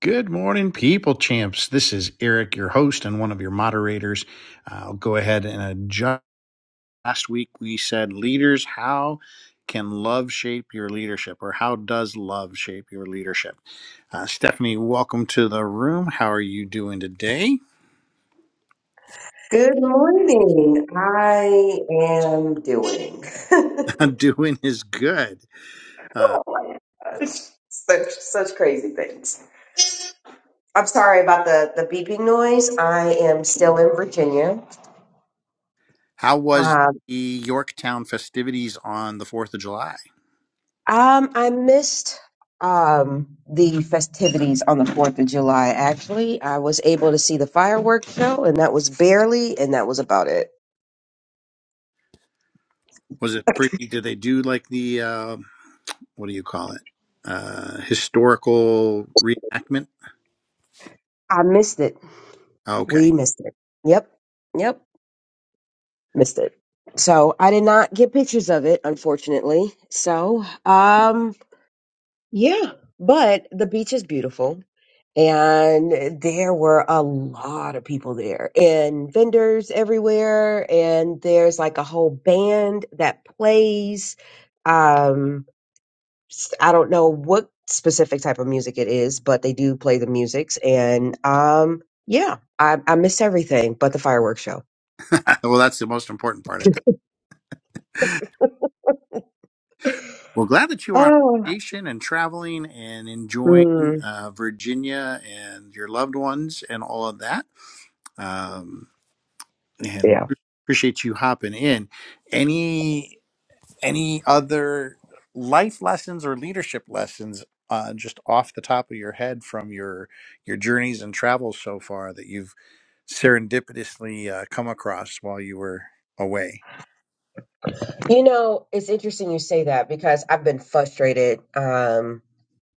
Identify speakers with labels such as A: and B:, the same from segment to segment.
A: Good morning, people champs. This is Eric, your host and one of your moderators. I'll go ahead and adjust. Last week we said, leaders, how can love shape your leadership, or how does love shape your leadership? Uh, Stephanie, welcome to the room. How are you doing today?
B: Good morning. I am doing.
A: doing is good. Uh,
B: oh my gosh. Such, such crazy things. I'm sorry about the, the beeping noise. I am still in Virginia.
A: how was
B: Um,
A: the Yorktown festivities on the 4th of July?
B: um, I missed um, the festivities on the 4th of July, actually. I was able to see the fireworks show, and that was barely, and that was about it.
A: Was it pretty? Did they do like the, uh, what do you call it? Uh, historical reenactment?
B: I missed it. We
A: Okay.
B: missed it. Yep. Yep. missed it. So I did not get pictures of it, unfortunately. So, um, yeah, but the beach is beautiful. And there were a lot of people there and vendors everywhere. And there's like a whole band that plays. Um, s- I don't know what specific type of music it is, but they do play the musics. And, um, yeah, I, I missed everything but the fireworks show.
A: well, that's the most important part, I think. Well, glad that you are on
B: Oh,
A: vacation and traveling and enjoying
B: mm,
A: uh, Virginia and your loved ones and all of that. Um, and
B: yeah.
A: pre- appreciate you hopping in. Any any other life lessons or leadership lessons uh, just off the top of your head from your your journeys and travels so far that you've serendipitously uh, come across while you were away?
B: You know, it's interesting you say that because I've been frustrated um,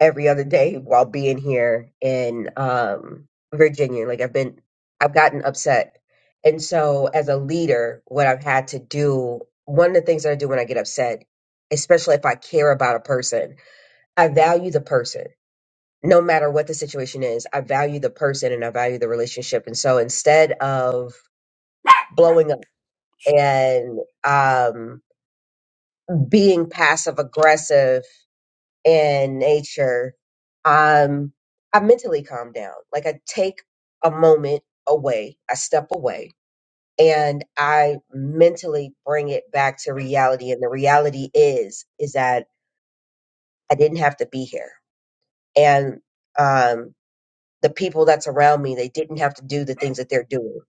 B: every other day while being here in um, Virginia. Like I've been, I've gotten upset, and so as a leader, what I've had to do, one of the things that I do when I get upset, especially if I care about a person, I value the person. No matter what the situation is, I value the person and I value the relationship. And so instead of blowing up and um, being passive aggressive in nature, um, I mentally calm down. Like I take a moment away, I step away, and I mentally bring it back to reality. And the reality is, is that I didn't have to be here, and um, the people that's around me, they didn't have to do the things that they're doing.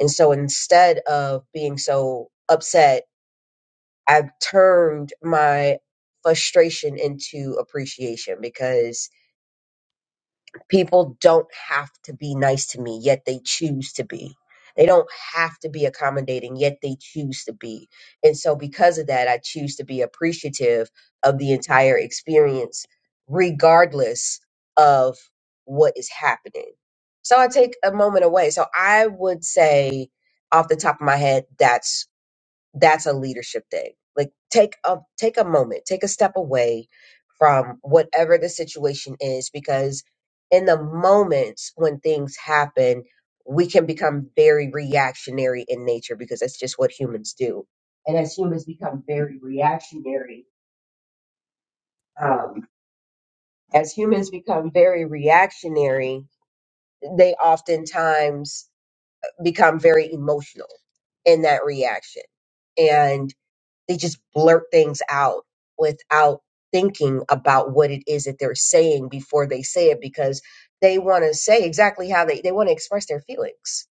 B: And so instead of being so upset I've turned my frustration into appreciation because people don't have to be nice to me, yet they choose to be. They don't have to be accommodating, yet they choose to be. And so, because of that, I choose to be appreciative of the entire experience, regardless of what is happening. So, I take a moment away. So, I would say off the top of my head, that's that's a leadership thing. Like take a take a moment, take a step away from whatever the situation is because in the moments when things happen, we can become very reactionary in nature because that's just what humans do. And as humans become very reactionary, um, as humans become very reactionary, they oftentimes become very emotional in that reaction and. They just blurt things out without thinking about what it is that they're saying before they say it because they want to say exactly how they, they want to express their feelings.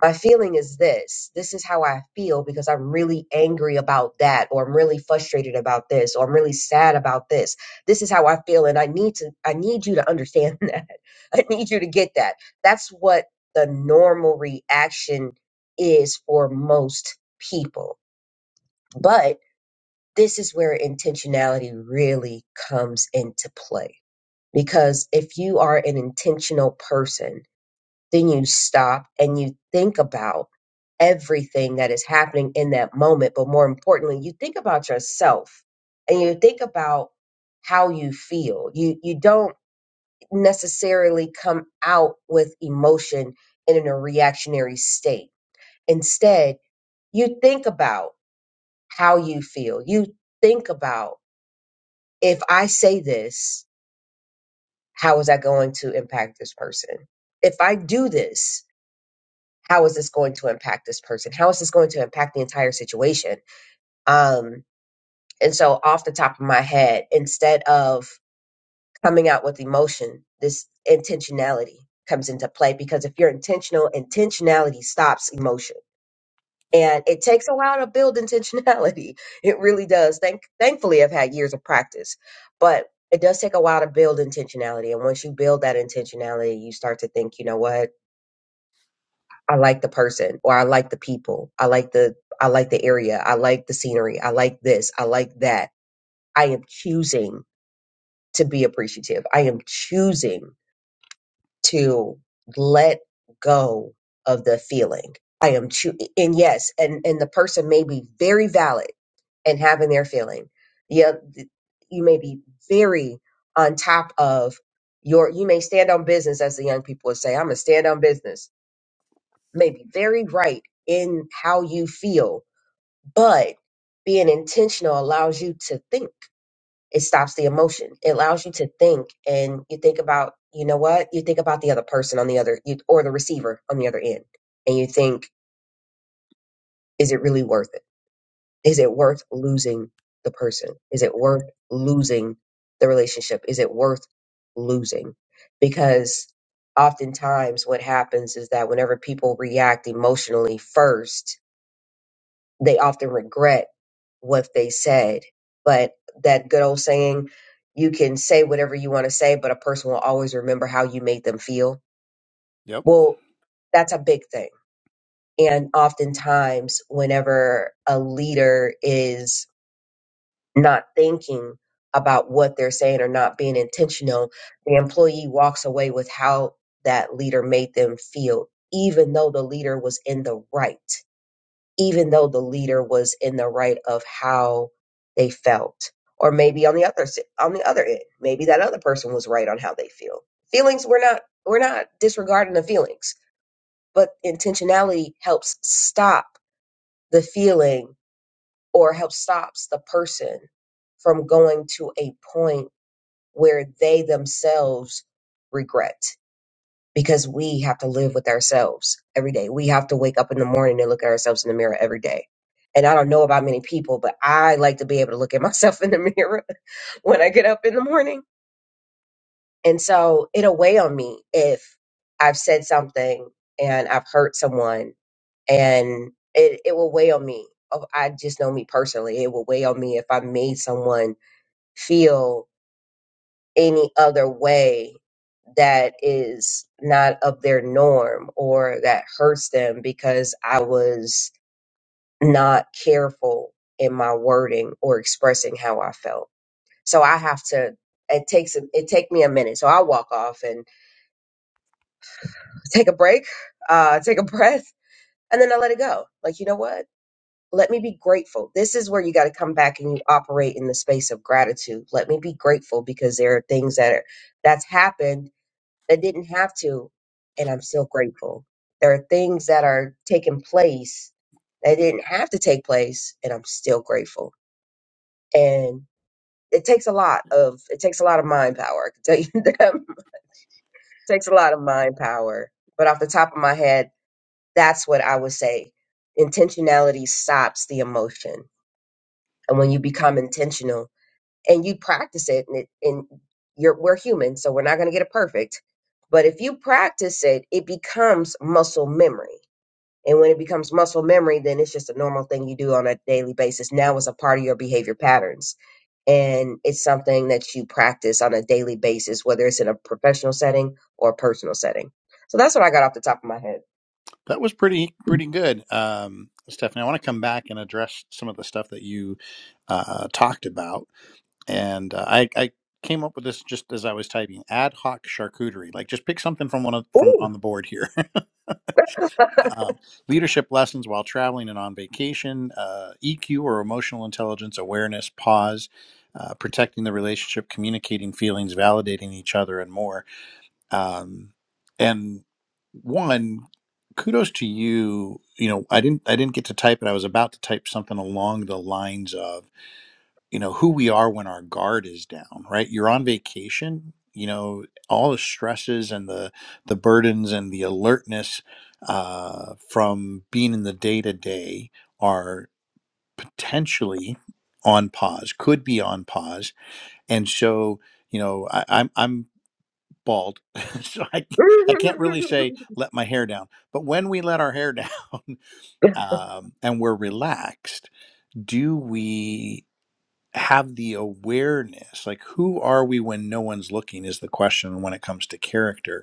B: My feeling is this. This is how I feel because I'm really angry about that, or I'm really frustrated about this, or I'm really sad about this. This is how I feel, and I need to. I need you to understand that. I need you to get that. That's what the normal reaction is for most people. but this is where intentionality really comes into play. Because if you are an intentional person, then you stop and you think about everything that is happening in that moment. But more importantly, you think about yourself and you think about how you feel. You, you don't necessarily come out with emotion and in a reactionary state. Instead, you think about how you feel. You think about if I say this, how is that going to impact this person? If I do this, how is this going to impact this person? How is this going to impact the entire situation? Um, and so, off the top of my head, instead of coming out with emotion, this intentionality comes into play because if you're intentional, intentionality stops emotion And it takes a while to build intentionality. It really does. Thank thankfully I've had years of practice, but it does take a while to build intentionality. And once you build that intentionality, you start to think, you know what? I like the person or I like the people. I like the I like the area. I like the scenery. I like this. I like that. I am choosing to be appreciative. I am choosing to let go of the feeling. I am choo- and yes, and and the person may be very valid and having their feeling. Yeah, th- you may be very on top of your. You may stand on business, as the young people would say. I'm gonna stand on business. May be very right in how you feel, but being intentional allows you to think it stops the emotion it allows you to think and you think about you know what you think about the other person on the other you, or the receiver on the other end and you think is it really worth it is it worth losing the person is it worth losing the relationship is it worth losing because oftentimes what happens is that whenever people react emotionally first they often regret what they said. But that good old saying, you can say whatever you want to say, but a person will always remember how you made them feel. Well, that's a big thing. And oftentimes, whenever a leader is not thinking about what they're saying or not being intentional, the employee walks away with how that leader made them feel, even though the leader was in the right even though the leader was in the right of how they felt or maybe on the other s- on the other end maybe that other person was right on how they feel feelings we're not we're not disregarding the feelings but intentionality helps stop the feeling or helps stops the person from going to a point where they themselves regret because we have to live with ourselves every day. We have to wake up in the morning and look at ourselves in the mirror every day. And I don't know about many people, but I like to be able to look at myself in the mirror when I get up in the morning. And so it'll weigh on me if I've said something and I've hurt someone and it, it will weigh on me. Oh, I just know me personally. It will weigh on me if I made someone feel any other way that is not of their norm or that hurts them because I was not careful in my wording or expressing how I felt. So I have to it takes a, it take me a minute. So i walk off and take a break, uh take a breath and then I let it go. Like you know what? Let me be grateful. This is where you got to come back and you operate in the space of gratitude. Let me be grateful because there are things that are that's happened that didn't have to, and I'm still grateful. There are things that are taking place that didn't have to take place, and I'm still grateful. And it takes a lot of it takes a lot of mind power. I can tell you that it takes a lot of mind power. But off the top of my head, that's what I would say. Intentionality stops the emotion, and when you become intentional and you practice it and, it, and you're we're human so we're not going to get it perfect but if you practice it it becomes muscle memory and when it becomes muscle memory then it's just a normal thing you do on a daily basis now it's a part of your behavior patterns and it's something that you practice on a daily basis whether it's in a professional setting or a personal setting so that's what i got off the top of my head
A: That was pretty pretty good, um, Stephanie. I want to come back and address some of the stuff that you uh, talked about, and uh, I, I came up with this just as I was typing ad hoc charcuterie. Like, just pick something from one of, from
B: ooh
A: on the board here. uh, leadership lessons while traveling and on vacation, uh, EQ or emotional intelligence, awareness, pause, uh, protecting the relationship, communicating feelings, validating each other, and more um, and one kudos to you you know i didn't i didn't get to type it i was about to type something along the lines of you know who we are when our guard is down right you're on vacation you know all the stresses and the the burdens and the alertness uh, from being in the day to day are potentially on pause could be on pause and so you know I, i'm i'm bald. so I, I can't really say let my hair down. But when we let our hair down um, and we're relaxed, do we have the awareness? Like, who are we when no one's looking is the question when it comes to character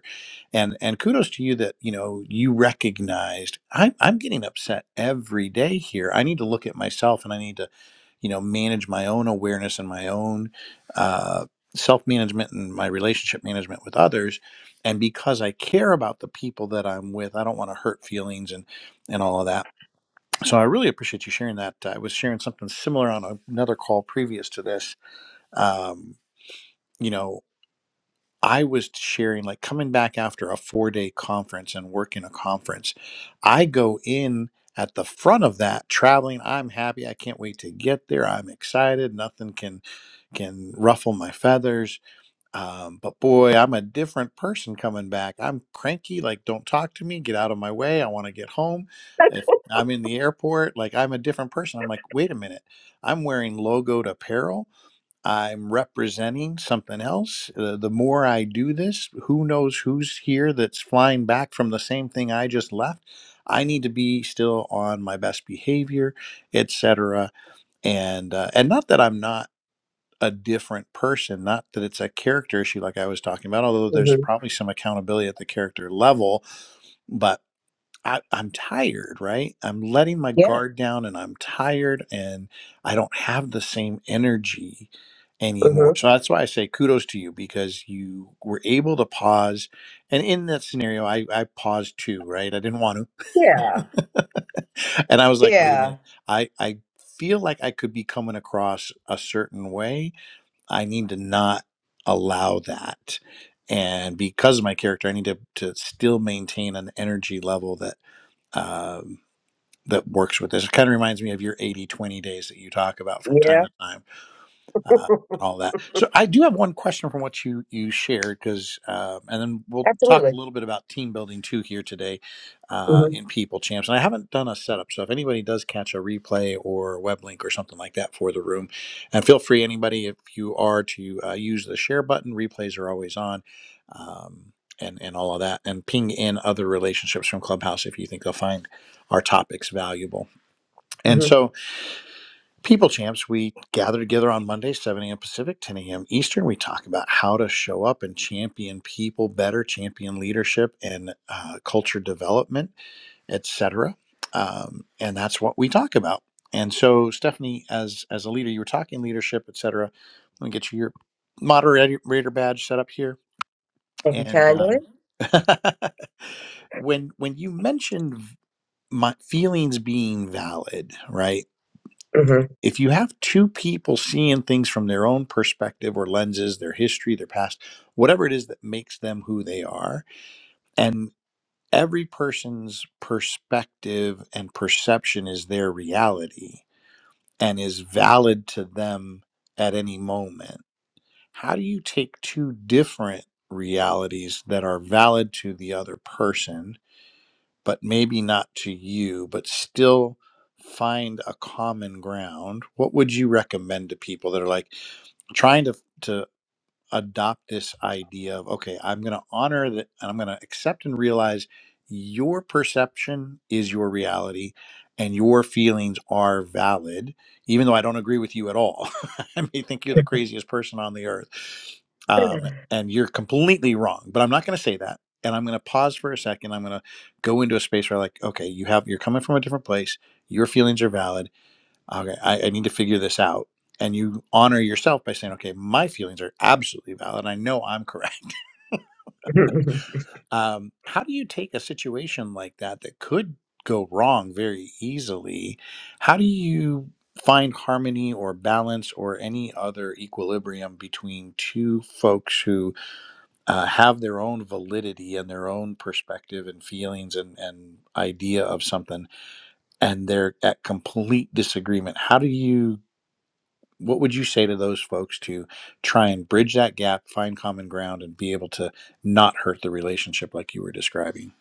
A: and and kudos to you that you know you recognized I'm I'm getting upset every day here. I need to look at myself and I need to you know manage my own awareness and my own uh, self management and my relationship management with others. And because I care about the people that I'm with, I don't want to hurt feelings and and all of that. So I really appreciate you sharing that. I was sharing something similar on another call previous to this. Um, you know. I was sharing, like coming back after a four day conference and working a conference, I go in at the front of that traveling. I'm happy. I can't wait to get there. I'm excited. Nothing can can ruffle my feathers. Um, but boy, I'm a different person coming back. I'm cranky. Like, don't talk to me. Get out of my way. I want to get home. If I'm in the airport, like I'm a different person. I'm like, wait a minute. I'm wearing logoed apparel I'm representing something else. Uh, the more I do this, who knows who's here that's flying back from the same thing I just left. I need to be still on my best behavior, etc. And uh, and not that I'm not a different person, not that it's a character issue like I was talking about, although there's
B: hmm
A: probably some accountability at the character level, but. I, I'm tired, right? I'm letting my
B: yeah
A: guard down and I'm tired and I don't have the same energy anymore.
B: hmm
A: So that's why I say kudos to you because you were able to pause. And in that scenario, I, I paused too, right? I didn't want
B: yeah
A: to. and I was like, wait a
B: yeah
A: minute. I, I feel like I could be coming across a certain way. I need to not allow that. And because of my character, I need to, to still maintain an energy level that um, that works with this. It kind of reminds me of your 80 20 days that you talk about from time
B: yeah
A: to time uh, and all that. So I do have one question from what you you shared because, um, and then we'll talk
B: absolutely
A: a little bit about team building too here today uh,
B: hmm
A: in People Champs. And I haven't done a setup, so if anybody does catch a replay or a web link or something like that for the room, and feel free anybody if you are to uh, use the share button. Replays are always on. Um, and, and all of that, and ping in other relationships from Clubhouse if you think they'll find our topics valuable. And so, People Champs, we gather together on Monday, 7 a.m. Pacific, 10 a.m. Eastern. We talk about how to show up and champion people better, champion leadership and uh, culture development, etc. Um, and that's what we talk about. And so, Stephanie, as as a leader, you were talking leadership, etc. Let me get you your moderator badge set up here.
B: Thank you
A: And
B: kindly.
A: um, when when you mentioned v- my feelings being valid, right?
B: hmm
A: if you have two people seeing things from their own perspective or lenses, their history, their past, whatever it is that makes them who they are, and every person's perspective and perception is their reality and is valid to them at any moment, how do you take two different realities that are valid to the other person, but maybe not to you, but still? Find a common ground. What would you recommend to people that are like? trying to to adopt this idea of okay i'm going to honor that and i'm going to accept and realize your perception is your reality and your feelings are valid even though i don't agree with you at all i may think you're the craziest person on the earth um, and you're completely wrong but i'm not going to say that and i'm going to pause for a second i'm going to go into a space where like okay you have you're coming from a different place your feelings are valid okay I, I need to figure this out and you honor yourself by saying okay my feelings are absolutely valid i know i'm correct um, how do you take a situation like that that could go wrong very easily how do you find harmony or balance or any other equilibrium between two folks who uh, have their own validity and their own perspective and feelings and, and idea of something and they're at complete disagreement how do you what would you say to those folks to try and bridge that gap, find common ground, and be able to not hurt the relationship like you were describing?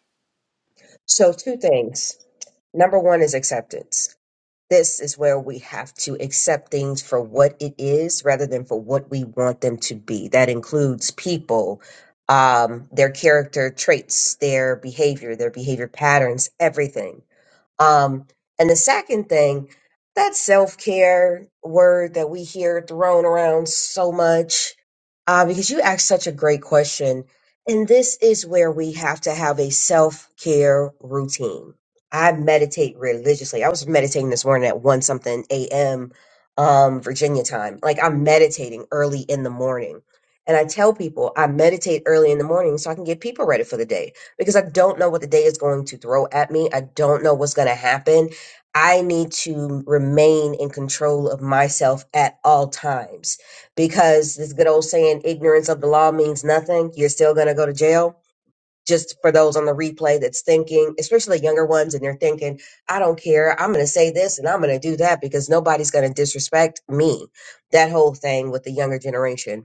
B: so, two things. Number one is acceptance. This is where we have to accept things for what it is rather than for what we want them to be. That includes people, um, their character traits, their behavior, their behavior patterns, everything. Um, and the second thing, that self care word that we hear thrown around so much, uh, because you asked such a great question. And this is where we have to have a self care routine. I meditate religiously. I was meditating this morning at 1 something a.m. Um, Virginia time. Like I'm meditating early in the morning. And I tell people I meditate early in the morning so I can get people ready for the day because I don't know what the day is going to throw at me. I don't know what's going to happen. I need to remain in control of myself at all times because this good old saying, ignorance of the law means nothing. You're still going to go to jail. Just for those on the replay that's thinking, especially younger ones, and they're thinking, I don't care. I'm going to say this and I'm going to do that because nobody's going to disrespect me. That whole thing with the younger generation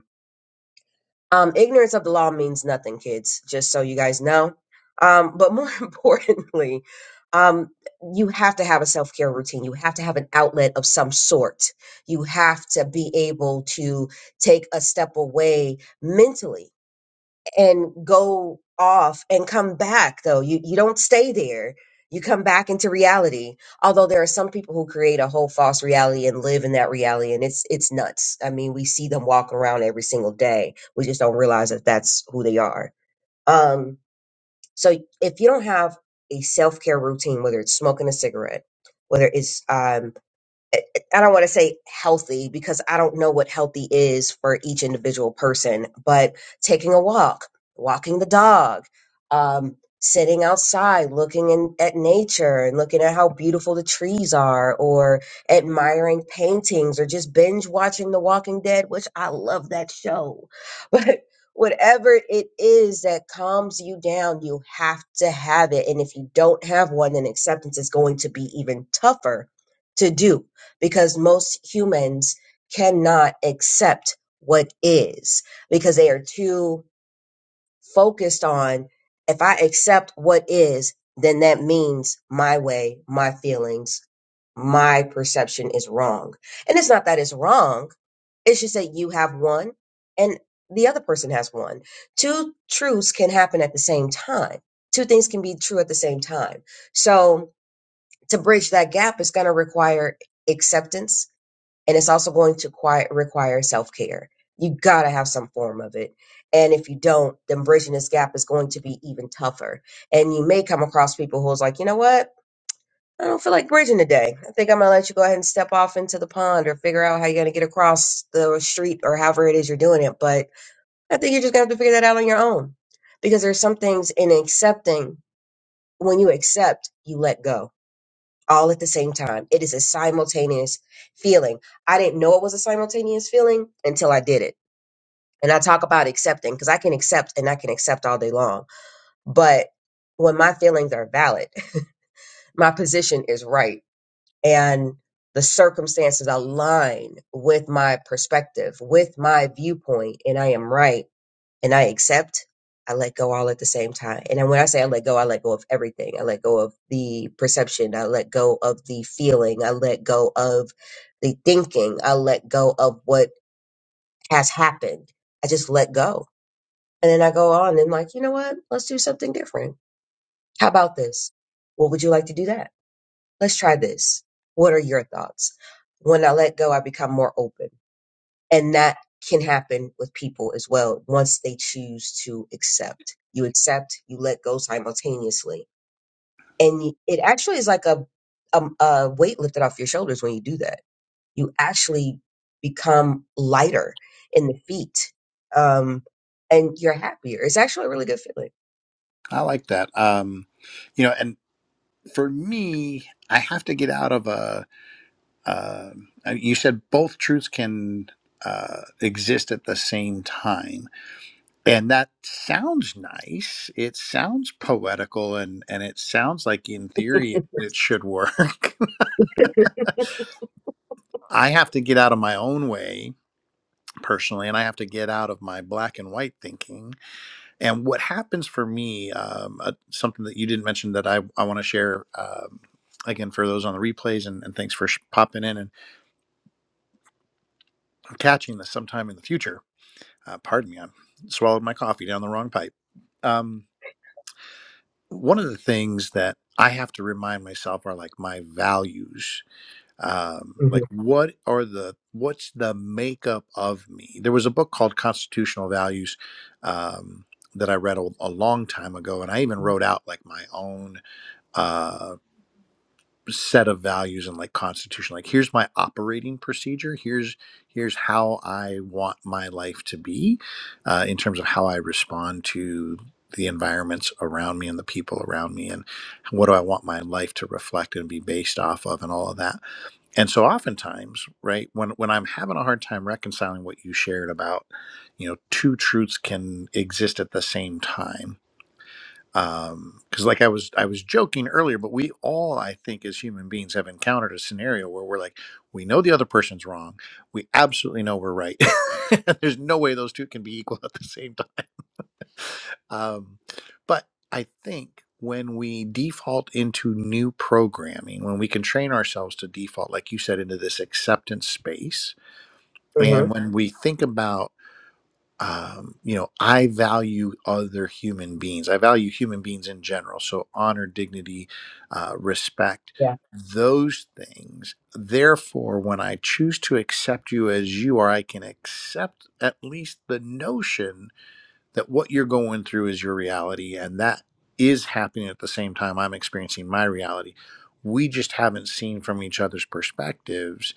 B: um, ignorance of the law means nothing, kids, just so you guys know. Um, but more importantly, um, you have to have a self care routine. You have to have an outlet of some sort. You have to be able to take a step away mentally and go off and come back though you you don't stay there you come back into reality although there are some people who create a whole false reality and live in that reality and it's it's nuts i mean we see them walk around every single day we just don't realize that that's who they are um so if you don't have a self-care routine whether it's smoking a cigarette whether it's um eh, eh, I don't want to say healthy because I don't know what healthy is for each individual person, but taking a walk, walking the dog, um, sitting outside, looking in, at nature and looking at how beautiful the trees are, or admiring paintings, or just binge watching The Walking Dead, which I love that show. But whatever it is that calms you down, you have to have it. And if you don't have one, then acceptance is going to be even tougher to do because most humans cannot accept what is because they are too focused on if I accept what is, then that means my way, my feelings, my perception is wrong. And it's not that it's wrong, it's just that you have one and the other person has one. Two truths can happen at the same time. Two things can be true at the same time. So to bridge that gap, it's going to require acceptance and it's also going to qui- require self care. You gotta have some form of it, and if you don't, then bridging this gap is going to be even tougher. And you may come across people who's like, you know what? I don't feel like bridging today. I think I'm gonna let you go ahead and step off into the pond or figure out how you're gonna get across the street or however it is you're doing it. But I think you're just gonna have to figure that out on your own because there's some things in accepting. When you accept, you let go all at the same time. It is a simultaneous feeling. I didn't know it was a simultaneous feeling until I did it. And I talk about accepting because I can accept and I can accept all day long. But when my feelings are valid, my position is right and the circumstances align with my perspective, with my viewpoint, and I am right and I accept, I let go all at the same time. And then when I say I let go, I let go of everything. I let go of the perception. I let go of the feeling. I let go of the thinking. I let go of what has happened. I just let go. And then I go on and like, you know what? Let's do something different. How about this? What would you like to do that? Let's try this. What are your thoughts? When I let go, I become more open and that can happen with people as well once they choose to accept. You accept, you let go simultaneously. And y- it actually is like a, a, a weight lifted off your shoulders when you do that. You actually become lighter in the feet um, and you're happier. It's actually a really good feeling.
A: I like that. Um, you know, and for me, I have to get out of a. Uh, uh, you said both truths can uh, exist at the same time. and that sounds nice it sounds poetical and and it sounds like in theory it, it should work i have to get out of my own way personally and i have to get out of my black and white thinking and what happens for me um, uh, something that you didn't mention that i, I want to share um, again for those on the replays and, and thanks for sh- popping in and catching this sometime in the future uh, pardon me i swallowed my coffee down the wrong pipe um, one of the things that I have to remind myself are like my values. Um,
B: hmm
A: like what are the what's the makeup of me? There was a book called Constitutional Values um, that I read a, a long time ago, and I even wrote out like my own. uh, set of values and like constitution like here's my operating procedure here's here's how i want my life to be uh, in terms of how i respond to the environments around me and the people around me and what do i want my life to reflect and be based off of and all of that and so oftentimes right when when i'm having a hard time reconciling what you shared about you know two truths can exist at the same time um, because like i was i was joking earlier but we all i think as human beings have encountered a scenario where we're like we know the other person's wrong we absolutely know we're right there's no way those two can be equal at the same time um, but i think when we default into new programming when we can train ourselves to default like you said into this acceptance space
B: hmm
A: and when we think about um, you know, I value other human beings. I value human beings in general. So honor, dignity, uh, respect,
B: Yeah.
A: those things. Therefore, when I choose to accept you as you are, I can accept at least the notion that what you're going through is your reality and that is happening at the same time I'm experiencing my reality. We just haven't seen from each other's perspectives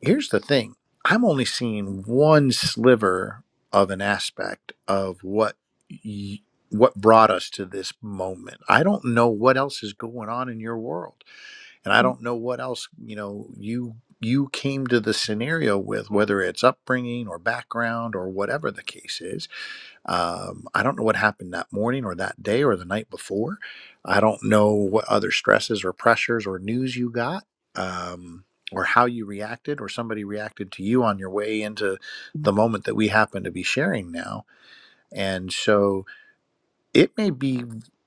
A: here's the thing i'm only seeing one sliver of an aspect of what y- what brought us to this moment i don't know what else is going on in your world and i don't know what else you know you you came to the scenario with whether it's upbringing or background or whatever the case is um, I don't know what happened that morning or that day or the night before. I don't know what other stresses or pressures or news you got um, or how you reacted or somebody reacted to you on your way into the moment that we happen to be sharing now. And so, it may be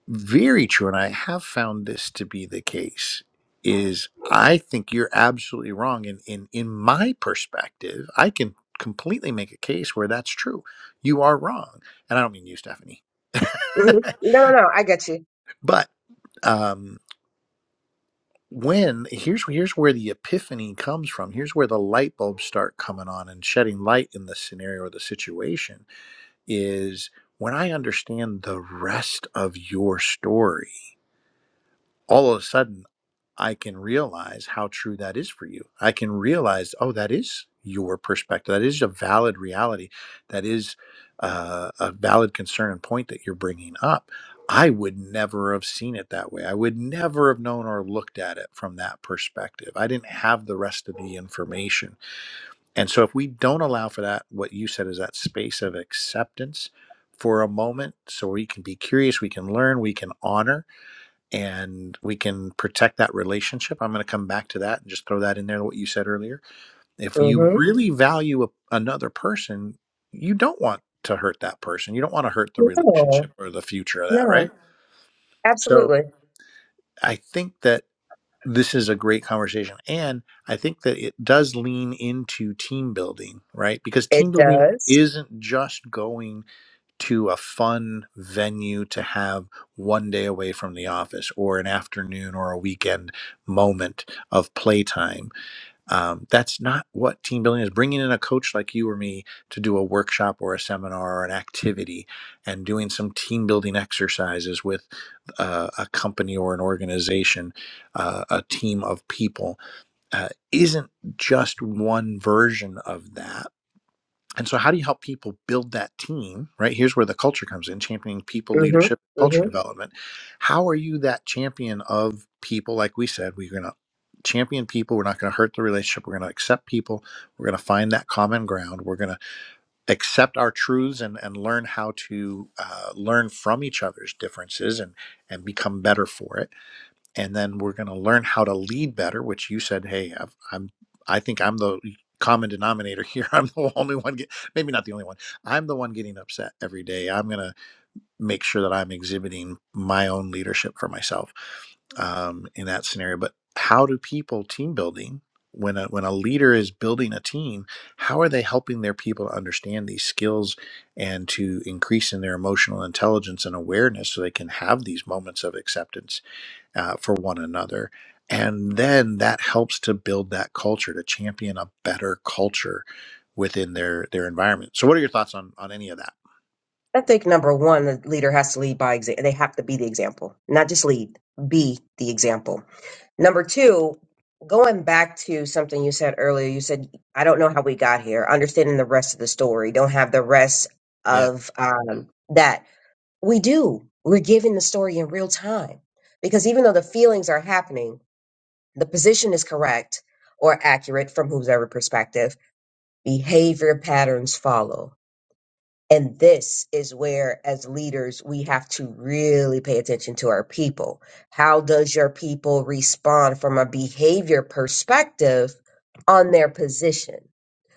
A: very true and i have found this to be the case is i think you're absolutely wrong and in, in in my perspective i can completely make a case where that's true you are wrong and i don't mean you stephanie
B: hmm No, no, no. I get you.
A: but um when here's here's where the epiphany comes from here's where the light bulbs start coming on and shedding light in the scenario or the situation is when i understand the rest of your story all of a sudden I can realize how true that is for you. I can realize, oh, that is your perspective. That is a valid reality. That is uh, a valid concern and point that you're bringing up. I would never have seen it that way. I would never have known or looked at it from that perspective. I didn't have the rest of the information. And so, if we don't allow for that, what you said is that space of acceptance for a moment, so we can be curious, we can learn, we can honor and we can protect that relationship. I'm going to come back to that and just throw that in there, what you said earlier. If you
B: hmm
A: really value a, another person, you don't want to hurt that person. You don't want to hurt the
B: No,
A: relationship or the future of that,
B: no.
A: right? So
B: Absolutely.
A: I think that this is a great conversation. And I think that it does lean into team building, right? Because team
B: It
A: building
B: does.
A: isn't just going to a fun venue to have one day away from the office or an afternoon or a weekend moment of playtime. Um, that's not what team building is. Bringing in a coach like you or me to do a workshop or a seminar or an activity and doing some team building exercises with uh, a company or an organization, uh, a team of people, uh, isn't just one version of that and so, how do you help people build that team? Right here's where the culture comes in championing people,
B: hmm
A: leadership,
B: hmm
A: culture development. How are you that champion of people? Like we said, we're going to champion people. We're not going to hurt the relationship. We're going to accept people. We're going to find that common ground. We're going to accept our truths and, and learn how to uh, learn from each other's differences and, and become better for it and then we're going to learn how to lead better which you said hey I've, i'm i think i'm the common denominator here i'm the only one get, maybe not the only one i'm the one getting upset every day i'm going to make sure that i'm exhibiting my own leadership for myself um, in that scenario but how do people team building when a, when a leader is building a team how are they helping their people to understand these skills and to increase in their emotional intelligence and awareness so they can have these moments of acceptance uh, for one another. And then that helps to build that culture, to champion a better culture within their their environment. So, what are your thoughts on on any of that?
B: I think number one, the leader has to lead by example. They have to be the example, not just lead, be the example. Number two, going back to something you said earlier, you said, I don't know how we got here, understanding the rest of the story, don't have the rest
A: Yeah,
B: of um, that. We do. We're giving the story in real time because even though the feelings are happening, the position is correct or accurate from whoever perspective, behavior patterns follow and this is where, as leaders, we have to really pay attention to our people. How does your people respond from a behavior perspective on their position?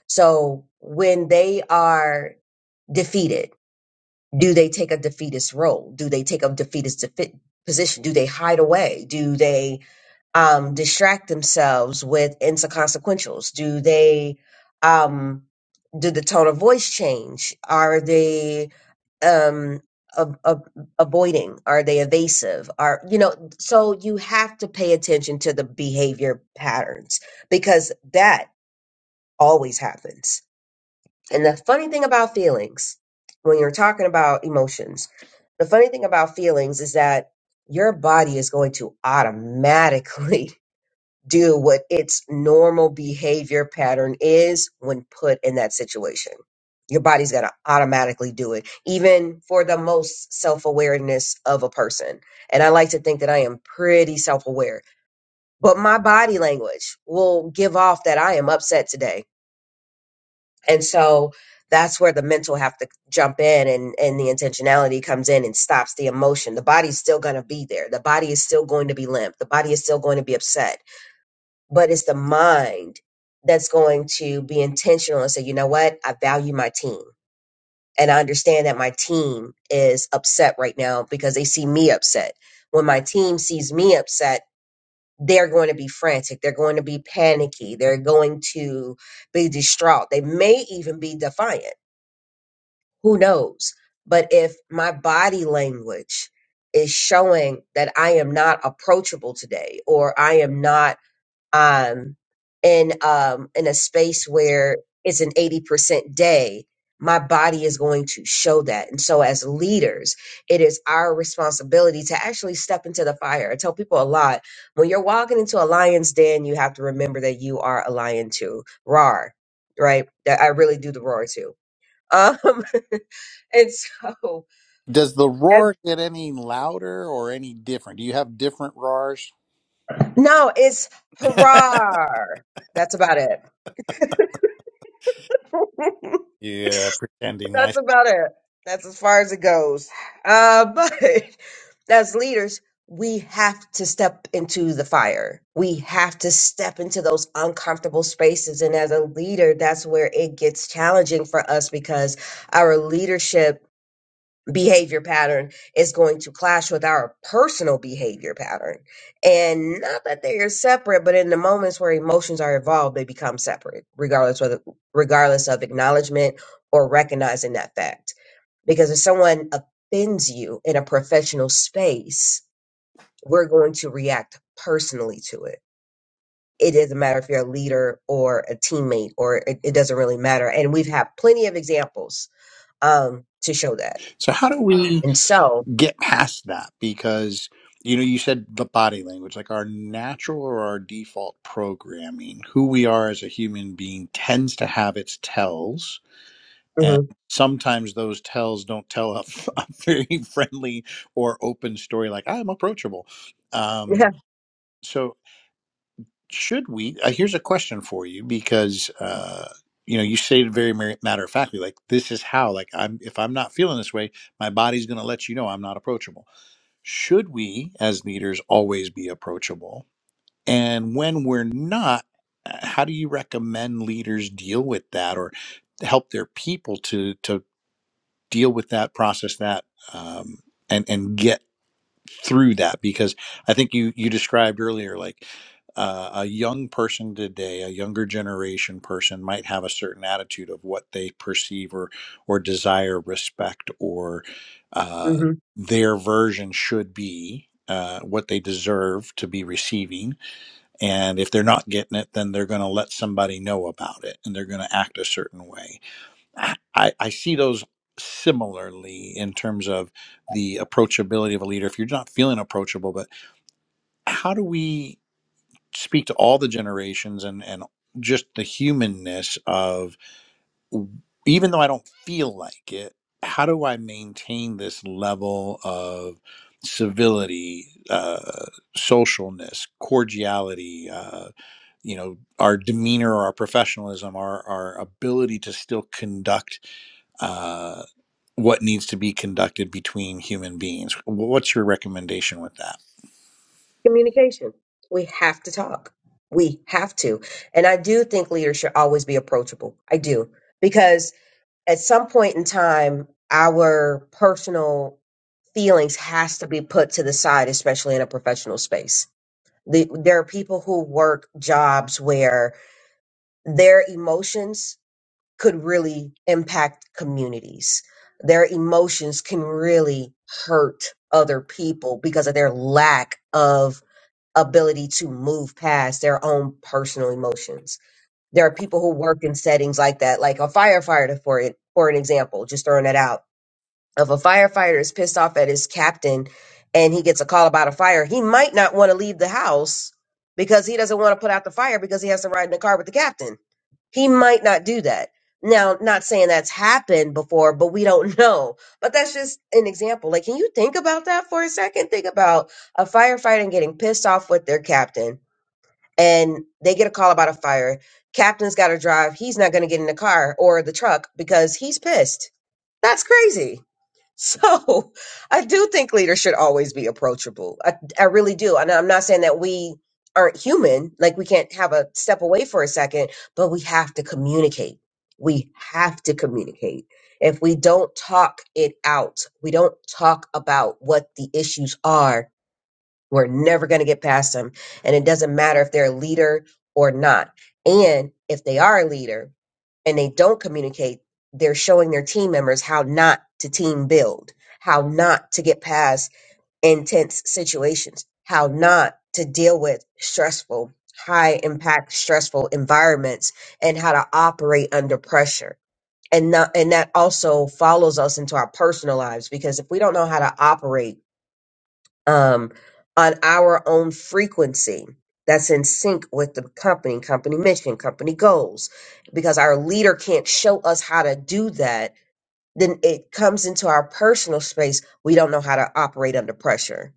B: So when they are defeated, do they take a defeatist role? Do they take a defeatist defi- position? Do they hide away? Do they um, distract themselves with inconsequentials? Do they um, do the tone of voice change? Are they um, ab- ab- avoiding? Are they evasive? Are you know? So you have to pay attention to the behavior patterns because that always happens. And the funny thing about feelings, when you're talking about emotions, the funny thing about feelings is that your body is going to automatically do what its normal behavior pattern is when put in that situation. Your body's going to automatically do it, even for the most self awareness of a person. And I like to think that I am pretty self aware, but my body language will give off that I am upset today. And so that's where the mental have to jump in and, and the intentionality comes in and stops the emotion. The body's still going to be there. The body is still going to be limp. The body is still going to be upset but it's the mind that's going to be intentional and say, you know what? I value my team. And I understand that my team is upset right now because they see me upset. When my team sees me upset, they're going to be frantic. They're going to be panicky. They're going to be distraught. They may even be defiant. Who knows? But if my body language is showing that I am not approachable today or I am not um, in um, in a space where it's an eighty percent day, my body is going to show that. And so, as leaders, it is our responsibility to actually step into the fire. I tell people a lot when you're walking into a lion's den, you have to remember that you are a lion too. Roar, right? That I really do the roar too. Um, and so,
A: Does the
B: that-
A: roar get any louder or any different? Do you have different roars?
B: no, it's hurrah. That's about it.
A: yeah, pretending
B: That's
A: nice.
B: about it. That's as far as it goes. Uh, but as leaders, we have to step into the fire. We have to step into those uncomfortable spaces. And as a leader, that's where it gets challenging for us because our leadership behavior pattern is going to clash with our personal behavior pattern. And not that they are separate, but in the moments where emotions are involved, they become separate, regardless whether regardless of acknowledgement or recognizing that fact. Because if someone offends you in a professional space, we're going to react personally to it. It doesn't matter if you're a leader or a teammate, or it, it doesn't really matter. And we've had plenty of examples um, to show that.
A: So, how do we
B: And so,
A: get past that? Because you know, you said the body language, like our natural or our default programming, who we are as a human being tends to have its tells. And
B: Mhm.
A: sometimes those tells don't tell a, f- a very friendly or open story, like I'm approachable. Um, so, should we? Uh, here's a question for you because uh, you know you stated very mar- matter of factly, like this is how, like I'm if I'm not feeling this way, my body's going to let you know I'm not approachable. Should we, as leaders, always be approachable? And when we're not, uh, how do you recommend leaders deal with that, or help their people to to deal with that, process that, um, and and get through that because I think you you described earlier like uh, a young person today, a younger generation person might have a certain attitude of what they perceive or or desire, respect, or uh,
B: hmm
A: their version should be. Uh, what they deserve to be receiving. And if they're not getting it, then they're going to let somebody know about it and they're going to act a certain way I, I see those similarly in terms of the approachability of a leader. If you're not feeling approachable, but how do we speak to all the generations and, and just the humanness of even though I don't feel like it, how do I maintain this level of civility, uh, socialness, cordiality, uh, you know, our demeanor, our professionalism, our, our ability to still conduct uh, what needs to be conducted between human beings. What's your recommendation with that?
B: Communication. We have to talk. We have to. And I do think leaders should always be approachable. I do. Because at some point in time, our personal feelings has to be put to the side, especially in a professional space. The, there are people who work jobs where their emotions could really impact communities. Their emotions can really hurt other people because of their lack of ability to move past their own personal emotions. There are people who work in settings like that, like a firefighter for it, for an example, just throwing it out. If a firefighter is pissed off at his captain and he gets a call about a fire, he might not want to leave the house because he doesn't want to put out the fire because he has to ride in the car with the captain. He might not do that. Now, not saying that's happened before, but we don't know. But that's just an example. Like, can you think about that for a second? Think about a firefighter getting pissed off with their captain and they get a call about a fire. Captain's got to drive. He's not going to get in the car or the truck because he's pissed. That's crazy. So I do think leaders should always be approachable. I, I really do. And I'm not saying that we aren't human, like we can't have a step away for a second, but we have to communicate. We have to communicate. If we don't talk it out, we don't talk about what the issues are, we're never going to get past them. And it doesn't matter if they're a leader or not. And if they are a leader and they don't communicate, they're showing their team members how not to team build, how not to get past intense situations, how not to deal with stressful, high impact, stressful environments, and how to operate under pressure. And, not, and that also follows us into our personal lives because if we don't know how to operate um, on our own frequency that's in sync with the company, company mission, company goals, because our leader can't show us how to do that then it comes into our personal space. We don't know how to operate under pressure.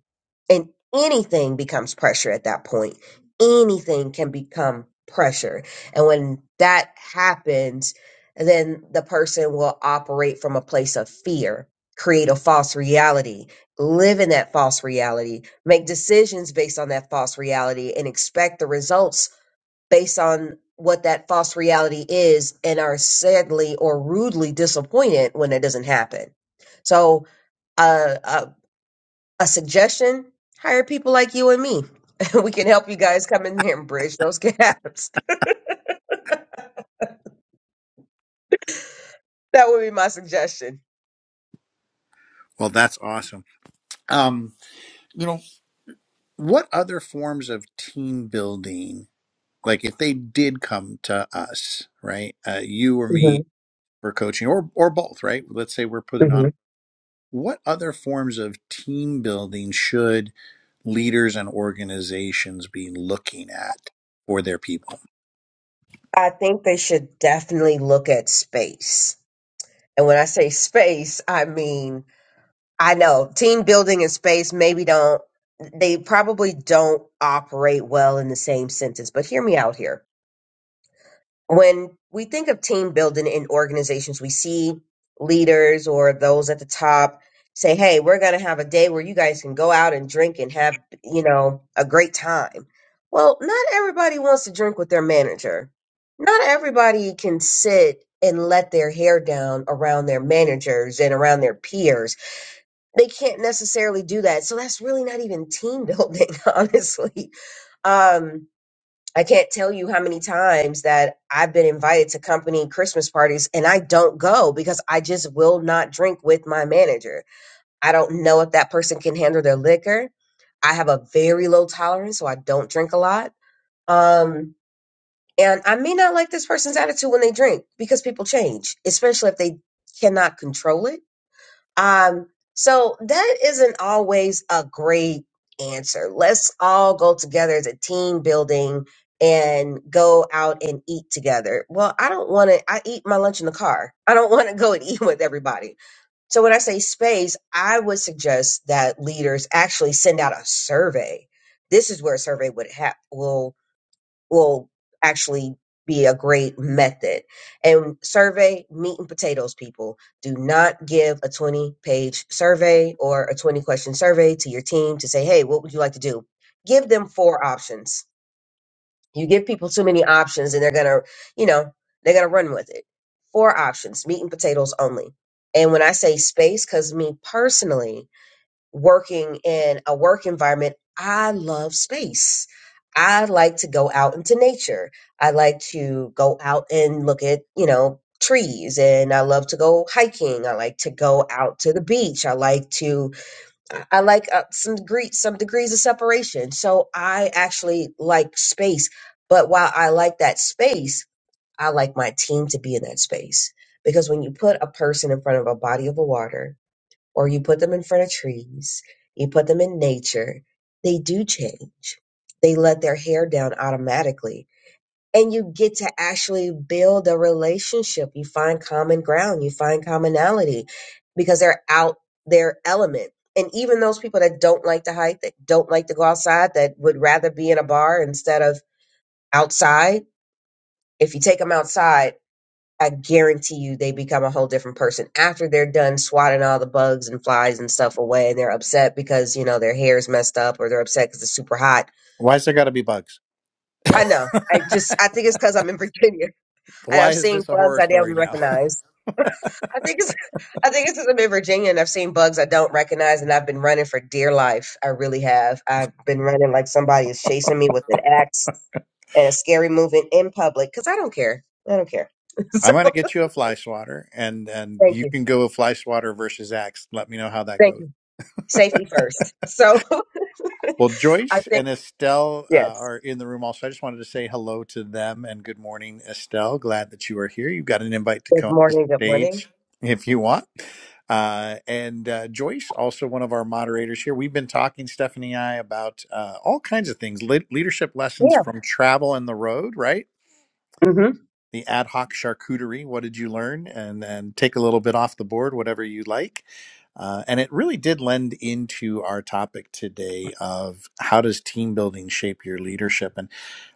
B: And anything becomes pressure at that point. Anything can become pressure. And when that happens, then the person will operate from a place of fear, create a false reality, live in that false reality, make decisions based on that false reality, and expect the results based on what that false reality is and are sadly or rudely disappointed when it doesn't happen. So, uh, a, a suggestion hire people like you and me. we can help you guys come in here and bridge those gaps. that would be my suggestion.
A: Well, that's awesome. Um, you know, what other forms of team building, like if they did come to us, right, uh, you or
B: hmm
A: me for coaching, or or both, right? Let's say we're putting on.
B: hmm
A: What other forms of team building should leaders and organizations be looking at for their people?
B: I think they should definitely look at space. And when I say space, I mean I know team building and space maybe don't, they probably don't operate well in the same sentence, but hear me out here. When we think of team building in organizations, we see leaders or those at the top say, Hey, we're going to have a day where you guys can go out and drink and have, you know, a great time. Well, not everybody wants to drink with their manager. Not everybody can sit and let their hair down around their managers and around their peers they can't necessarily do that. So that's really not even team building, honestly. Um, I can't tell you how many times that I've been invited to company Christmas parties and I don't go because I just will not drink with my manager. I don't know if that person can handle their liquor. I have a very low tolerance, so I don't drink a lot. Um, and I may not like this person's attitude when they drink because people change, especially if they cannot control it um, so that isn't always a great answer. Let's all go together as a team building and go out and eat together. Well, I don't want to, I eat my lunch in the car. I don't want to go and eat with everybody. So when I say space, I would suggest that leaders actually send out a survey. This is where a survey would have will will actually be a great method. And survey meat and potatoes people. Do not give a 20 page survey or a 20 question survey to your team to say, hey, what would you like to do? Give them four options. You give people too many options and they're going to, you know, they're going to run with it. Four options, meat and potatoes only. And when I say space, because me personally, working in a work environment, I love space. I like to go out into nature. I like to go out and look at, you know, trees and I love to go hiking. I like to go out to the beach. I like to I I like uh, some degree some degrees of separation. So I actually like space. But while I like that space, I like my team to be in that space because when you put a person in front of a body of water or you put them in front of trees, you put them in nature, they do change. They let their hair down automatically. And you get to actually build a relationship. You find common ground, you find commonality because they're out their element. And even those people that don't like to hike, that don't like to go outside, that would rather be in a bar instead of outside, if you take them outside, I guarantee you they become a whole different person after they're done swatting all the bugs and flies and stuff away and they're upset because, you know, their hair's messed up or they're upset because it's super hot.
A: Why's there got to be bugs?
B: I know. I just, I think it's because I'm in Virginia and
A: Why
B: I've
A: is
B: seen
A: this a
B: bugs
A: horror
B: I didn't
A: story now?
B: recognize. I think it's, I think it's because 'cause I'm in Virginia and I've seen bugs I don't recognize and I've been running for dear life. I really have. I've been running like somebody is chasing me with an axe and a scary movement in public because I don't care. I don't care. so
A: I'm going to get you a fly swatter, and and
B: thank
A: you
B: you.
A: can go a fly swatter versus axe. Let me know how that goes.
B: Thank you. Safety first. So
A: Well,
B: I
A: Joyce
B: think,
A: and Estelle uh,
B: yes.
A: are in the room also. I just wanted to say hello to them and good morning, Estelle. Glad that you are here. You've got an invite to
B: Good
A: come up the
B: morning. Good morning.
A: stage if you want. Uh, and uh, Joyce, also one of our moderators here. We've been talking, Stephanie and I, about uh, all kinds of things, le- leadership lessons
B: Yeah.
A: from travel and the road, right?
B: hmm
A: the ad hoc charcuterie. What did you learn? And and take a little bit off the board, whatever you like. Uh, and it really did lend into our topic today of how does team building shape your leadership and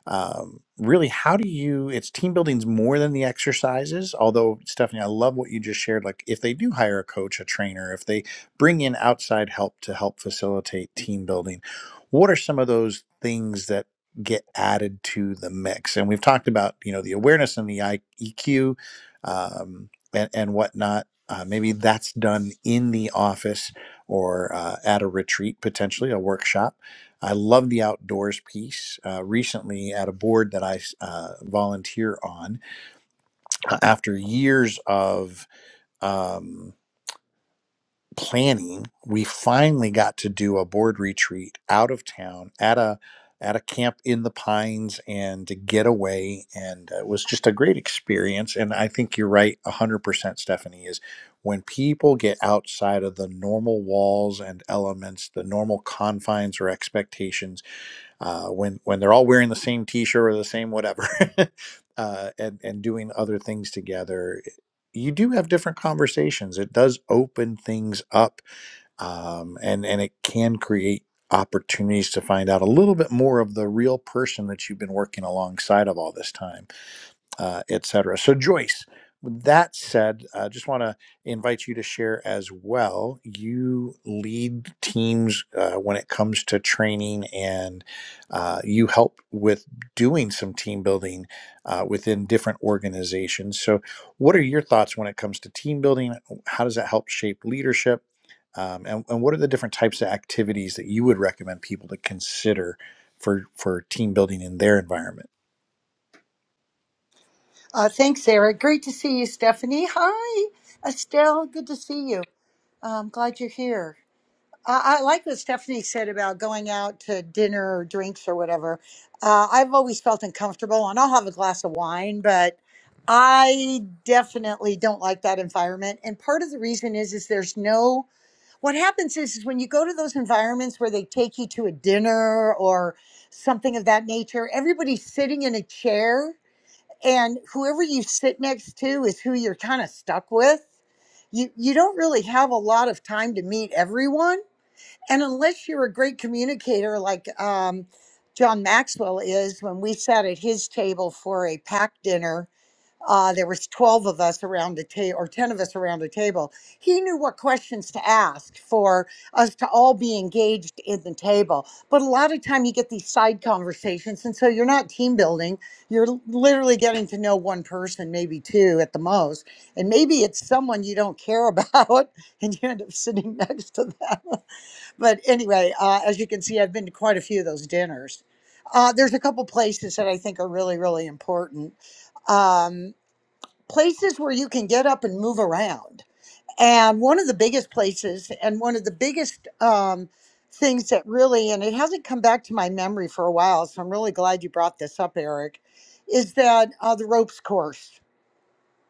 A: um, really how do you it's team building's more than the exercises although stephanie i love what you just shared like if they do hire a coach a trainer if they bring in outside help to help facilitate team building what are some of those things that get added to the mix and we've talked about you know the awareness and the I- eq um, and, and whatnot uh, maybe that's done in the office or uh, at a retreat potentially a workshop I love the outdoors piece. Uh, recently, at a board that I uh, volunteer on, uh, after years of um, planning, we finally got to do a board retreat out of town at a at a camp in the pines and to get away and uh, it was just a great experience and i think you're right 100% stephanie is when people get outside of the normal walls and elements the normal confines or expectations uh, when when they're all wearing the same T-shirt or the same whatever, uh, and and doing other things together, you do have different conversations. It does open things up, um, and and it can create opportunities to find out a little bit more of the real person that you've been working alongside of all this time uh, etc. So, Joyce, with that said, I uh, just want to invite you to share as well. You lead teams uh, when it comes to training, and uh, you help with doing some team building uh, within different organizations. So, what are your thoughts when it comes to team building? How does that help shape leadership? Um, and, and what are the different types of activities that you would recommend people to consider for, for team building in their environment?
C: Uh, thanks, Sarah. Great to see you, Stephanie. Hi, Estelle. Good to see you. I'm glad you're here. I, I like what Stephanie said about going out to dinner or drinks or whatever. Uh, I've always felt uncomfortable, and I'll have a glass of wine, but I definitely don't like that environment. And part of the reason is, is there's no. What happens is, is when you go to those environments where they take you to a dinner or something of that nature, everybody's sitting in a chair and whoever you sit next to is who you're kind of stuck with. You you don't really have a lot of time to meet everyone, and unless you're a great communicator like um, John Maxwell is, when we sat at his table for a pack dinner uh, there was 12 of us around a table or 10 of us around a table he knew what questions to ask for us to all be engaged in the table but a lot of time you get these side conversations and so you're not team building you're l- literally getting to know one person maybe two at the most and maybe it's someone you don't care about and you end up sitting next to them but anyway, uh, as you can see, I've been to quite a few of those dinners. Uh, there's a couple places that I think are really, really important. Um, places where you can get up and move around. And one of the biggest places, and one of the biggest um, things that really, and it hasn't come back to my memory for a while, so I'm really glad you brought this up, Eric, is that uh, the ropes course.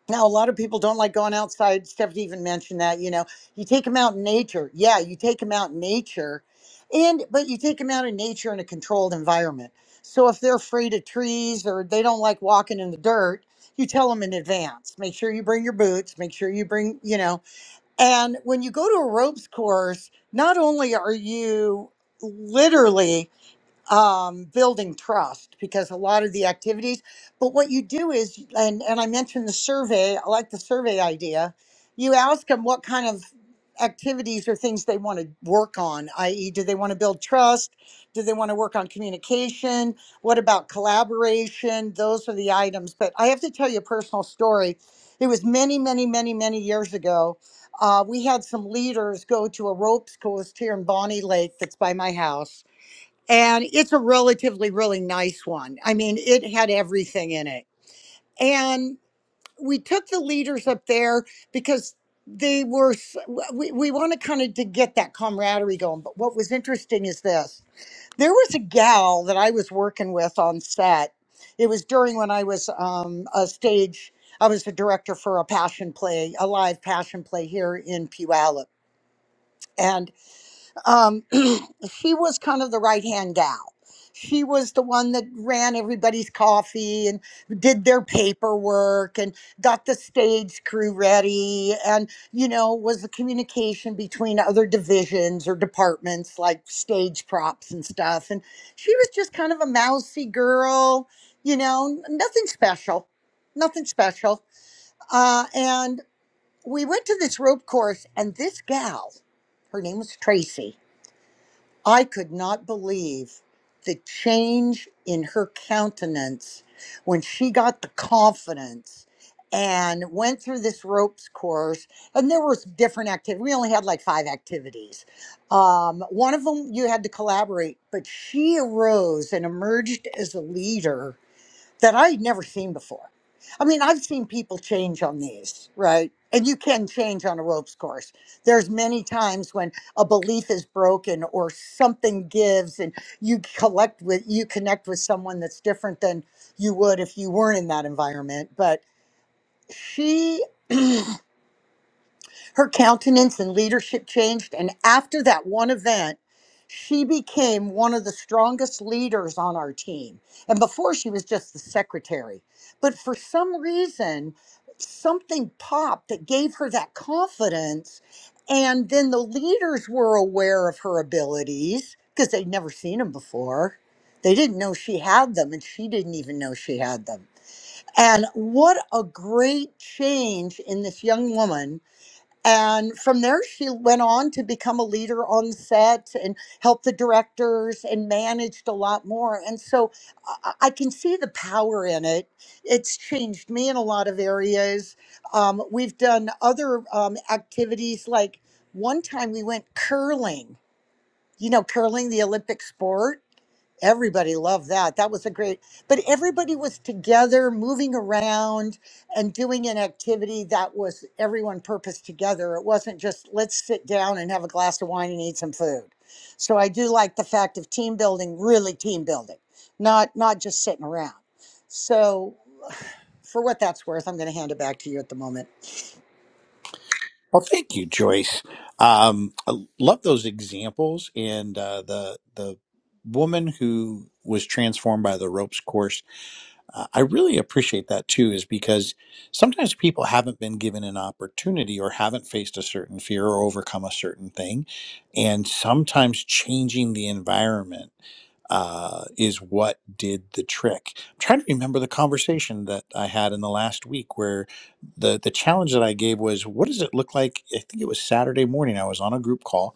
C: Now, a lot of people don't like going outside. Stephanie even mentioned that, you know, you take them out in nature. Yeah, you take them out in nature, and but you take them out in nature in a controlled environment. So if they're afraid of trees or they don't like walking in the dirt, you tell them in advance. Make sure you bring your boots. Make sure you bring, you know. And when you go to a ropes course, not only are you literally um, building trust because a lot of the activities but what you do is and and i mentioned the survey i like the survey idea you ask them what kind of activities or things they want to work on i.e do they want to build trust do they want to work on communication what about collaboration those are the items but i have to tell you a personal story it was many many many many years ago uh, we had some leaders go to a ropes course here in bonnie lake that's by my house and it's a relatively really nice one i mean it had everything in it and we took the leaders up there because they were s- we, we wanted kind of to get that camaraderie going but what was interesting is this there was a gal that i was working with on set it was during when i was um, a stage i was the director for a passion play a live passion play here in puyallup And um, she was kind of the right hand gal. She was the one that ran everybody's coffee and did their paperwork and got the stage crew ready and, you know, was the communication between other divisions or departments like stage props and stuff. And she was just kind of a mousy girl, you know, n- nothing special, nothing special. Uh, and we went to this rope course, and this gal, her name was Tracy I could not believe the change in her countenance when she got the confidence and went through this ropes course and there was different activities we only had like five activities um, one of them you had to collaborate but she arose and emerged as a leader that I had never seen before. I mean, I've seen people change on these, right? And you can change on a ropes course. There's many times when a belief is broken or something gives and you collect with you connect with someone that's different than you would if you weren't in that environment. But she her countenance and leadership changed. And after that one event, she became one of the strongest leaders on our team. And before she was just the secretary. But for some reason, something popped that gave her that confidence. And then the leaders were aware of her abilities because they'd never seen them before. They didn't know she had them, and she didn't even know she had them. And what a great change in this young woman and from there, she went on to become a leader on set and helped the directors and managed a lot more. And so I I can see the power in it. It's changed me in a lot of areas. Um, we've done other um, activities, like one time we went curling, you know, curling, the Olympic sport everybody loved that. That was a great, but everybody was together, moving around and doing an activity that was everyone purpose together. It wasn't just let's sit down and have a glass of wine and eat some food. So I do like the fact of team building, really team building, not not just sitting around. So for what that's worth, I'm going to hand it back to you at the moment.
A: Well, thank you, Joyce. Um, I love those examples and uh, the the woman who was transformed by the ropes course uh, I really appreciate that too, is because sometimes people haven't been given an opportunity or haven't faced a certain fear or overcome a certain thing. And sometimes changing the environment uh, is what did the trick. I'm trying to remember the conversation that I had in the last week where the, the challenge that I gave was what does it look like? I think it was Saturday morning. I was on a group call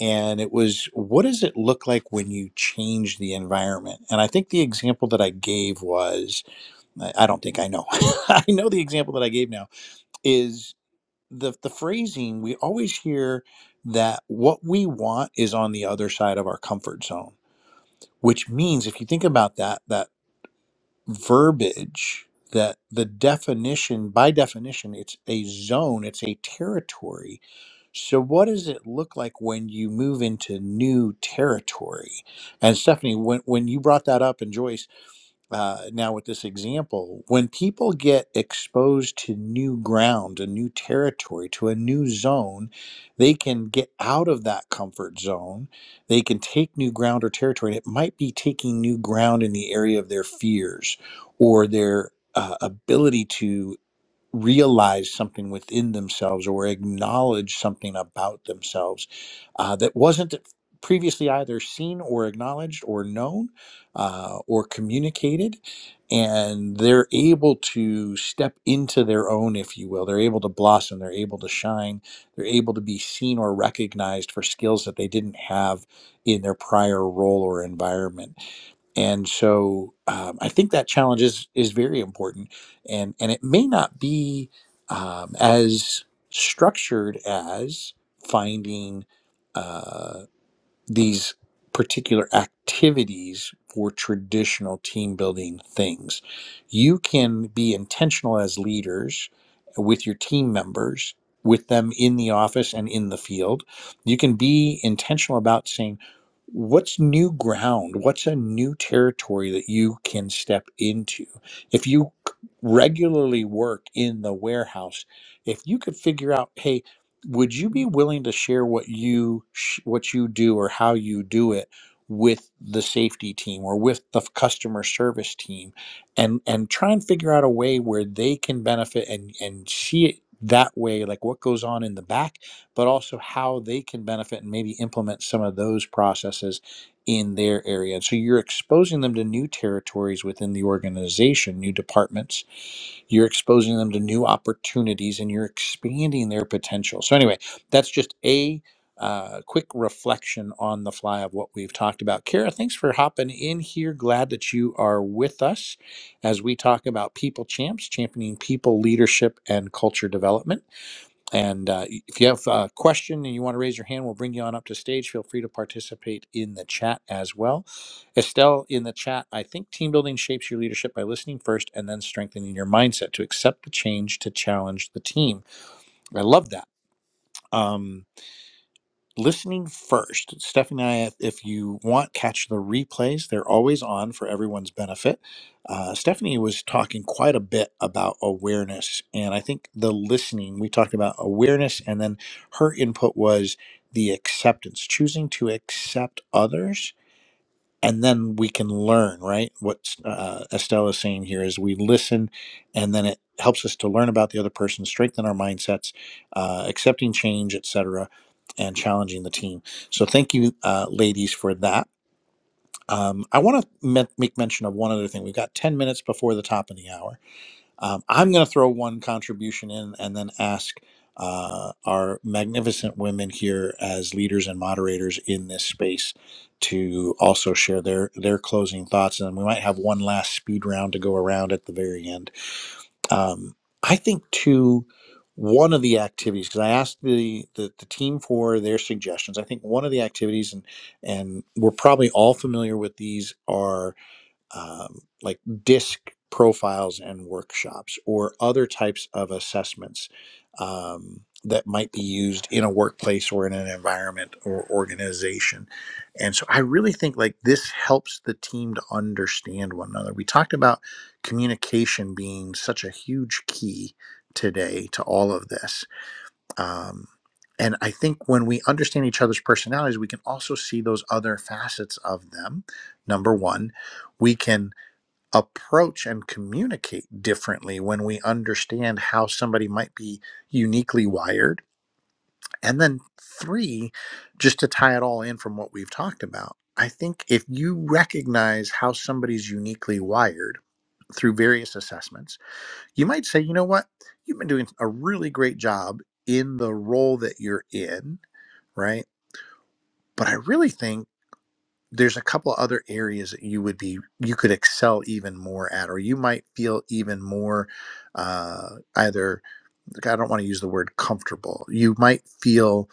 A: and it was what does it look like when you change the environment? And I think the example that I gave was I I don't think I know. I know the example that I gave now is the the phrasing we always hear that what we want is on the other side of our comfort zone, which means if you think about that that verbiage that the definition by definition it's a zone, it's a territory. So what does it look like when you move into new territory? And Stephanie, when when you brought that up and Joyce uh, now with this example, when people get exposed to new ground, a new territory, to a new zone, they can get out of that comfort zone. They can take new ground or territory. And it might be taking new ground in the area of their fears or their uh, ability to realize something within themselves or acknowledge something about themselves uh, that wasn't previously either seen or acknowledged or known uh, or communicated. And they're able to step into their own, if you will. They're able to blossom, they're able to shine, they're able to be seen or recognized for skills that they didn't have in their prior role or environment and so um, I think that challenge is is very important, and and it may not be um, as structured as finding. Uh, these particular activities for traditional team building things. You can be intentional as leaders with your team members, with them in the office and in the field. You can be intentional about saying, What's new ground? What's a new territory that you can step into? If you c- regularly work in the warehouse, if you could figure out, hey, would you be willing to share what you sh- what you do or how you do it with the safety team or with the f- customer service team and and try and figure out a way where they can benefit and and see it that way like what goes on in the back but also how they can benefit and maybe implement some of those processes in their area so you're exposing them to new territories within the organization new departments you're exposing them to new opportunities and you're expanding their potential. So, anyway, that's just a uh, quick reflection on the fly of what we've talked about. Kara, thanks for hopping in here. Glad that you are with us as we talk about people champs, championing people, leadership, and culture development. And uh, if you have a question and you want to raise your hand, we'll bring you on up to stage. Feel free to participate in the chat as well. Estelle in the chat, I think team building shapes your leadership by listening first and then strengthening your mindset to accept the change to challenge the team. I love that. Um, listening first. Stephanie and I, if if you want, catch the replays. They're always on for everyone's benefit. Uh, Stephanie was talking quite a bit about awareness. And I think the listening, we talked about awareness, and then her input was the acceptance, choosing to accept others and then we can learn right what uh, estelle is saying here is we listen and then it helps us to learn about the other person strengthen our mindsets uh, accepting change et cetera, and challenging the team so thank you uh, ladies for that um, i want to me- make mention of one other thing we've got 10 minutes before the top of the hour um, I'm going to throw one contribution in and then ask uh, our magnificent women here as leaders and moderators in this space to also share their their closing thoughts, and we might have one last speed round to go around at the very end. Um, I think too. One of the activities, because I asked the, the the team for their suggestions. I think one of the activities, and and we're probably all familiar with these, are um, like disc profiles and workshops or other types of assessments um, that might be used in a workplace or in an environment or organization. And so I really think like this helps the team to understand one another. We talked about communication being such a huge key today to all of this. Um, and I think when we understand each other's personalities, we can also see those other facets of them. Number one, we can approach and communicate differently when we understand how somebody might be uniquely wired. And then, three, just to tie it all in from what we've talked about, I think if you recognize how somebody's uniquely wired through various assessments, you might say, you know what, you've been doing a really great job in the role that you're in, right? But I really think there's a couple other areas that you would be you could excel even more at or you might feel even more uh, either like, i don't want to use the word comfortable you might feel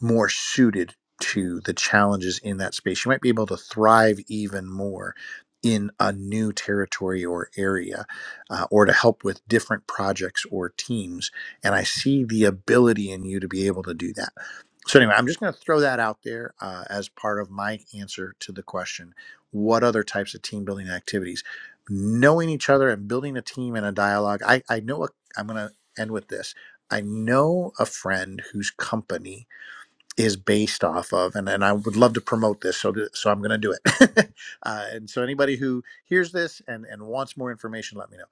A: more suited to the challenges in that space you might be able to thrive even more in a new territory or area uh, or to help with different projects or teams and i see the ability in you to be able to do that so anyway, I'm just going to throw that out there uh, as part of my answer to the question: What other types of team building activities? Knowing each other and building a team and a dialogue. I I know a, I'm going to end with this. I know a friend whose company is based off of, and, and I would love to promote this, so th- so I'm going to do it. uh, and so anybody who hears this and and wants more information, let me know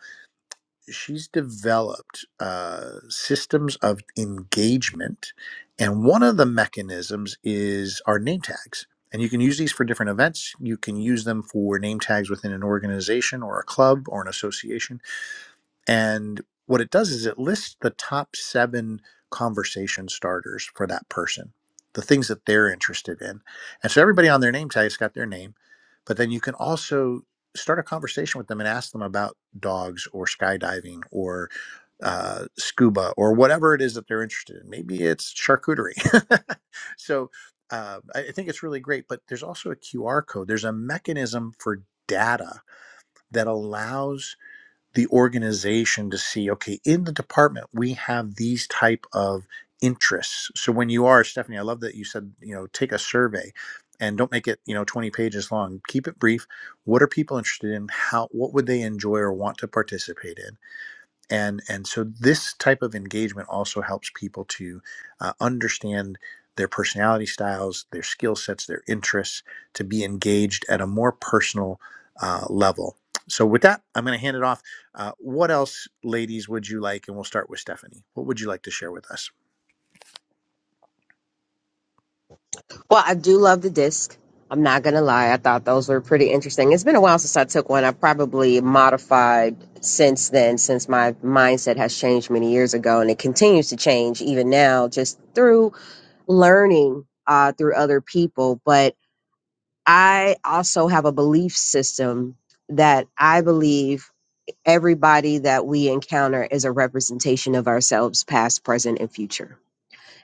A: she's developed uh, systems of engagement, and one of the mechanisms is our name tags. And you can use these for different events. You can use them for name tags within an organization or a club or an association and what it does is it lists the top seven conversation starters for that person, the things that they're interested in. And so everybody on their name tag's got their name, but then you can also start a conversation with them and ask them about dogs or skydiving or uh, scuba or whatever it is that they're interested in. Maybe it's charcuterie. so uh, I I think it's really great, but there's also a QR code. There's a mechanism for data that allows the organization to see okay in the department we have these type of interests so when you are stephanie i love that you said you know take a survey and don't make it you know 20 pages long keep it brief what are people interested in how what would they enjoy or want to participate in and and so this type of engagement also helps people to uh, understand their personality styles their skill sets their interests to be engaged at a more personal uh, level so with that i'm going to hand it off uh, what else ladies would you like and we'll start with stephanie what would you like to share with us
B: Well, I do love the disc. I'm not going to lie. I thought those were pretty interesting. It's been a while since I took one. I probably modified since then, since my mindset has changed many years ago and it continues to change even now, just through learning uh, through other people. But I also have a belief system that I believe everybody that we encounter is a representation of ourselves, past, present, and future.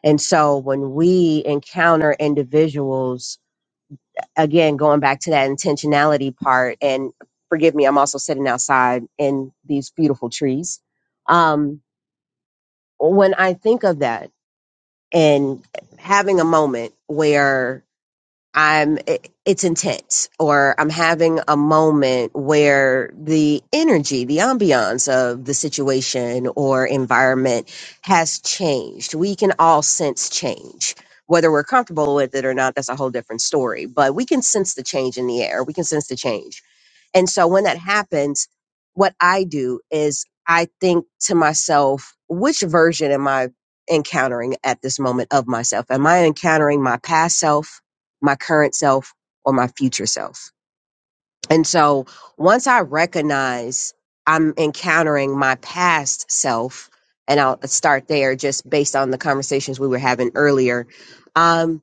B: And so when we encounter individuals, again, going back to that intentionality part, and forgive me, I'm also sitting outside in these beautiful trees. Um, when I think of that and having a moment where I'm it, it's intense or I'm having a moment where the energy, the ambiance of the situation or environment has changed. We can all sense change. Whether we're comfortable with it or not, that's a whole different story. But we can sense the change in the air. We can sense the change and so when that happens, what I do is I think to myself, which version am I encountering at this moment of myself? Am I encountering my past self, my current self, or my future self? And so once I recognize I'm encountering my past self, and I'll start there just based on the conversations we were having earlier, um,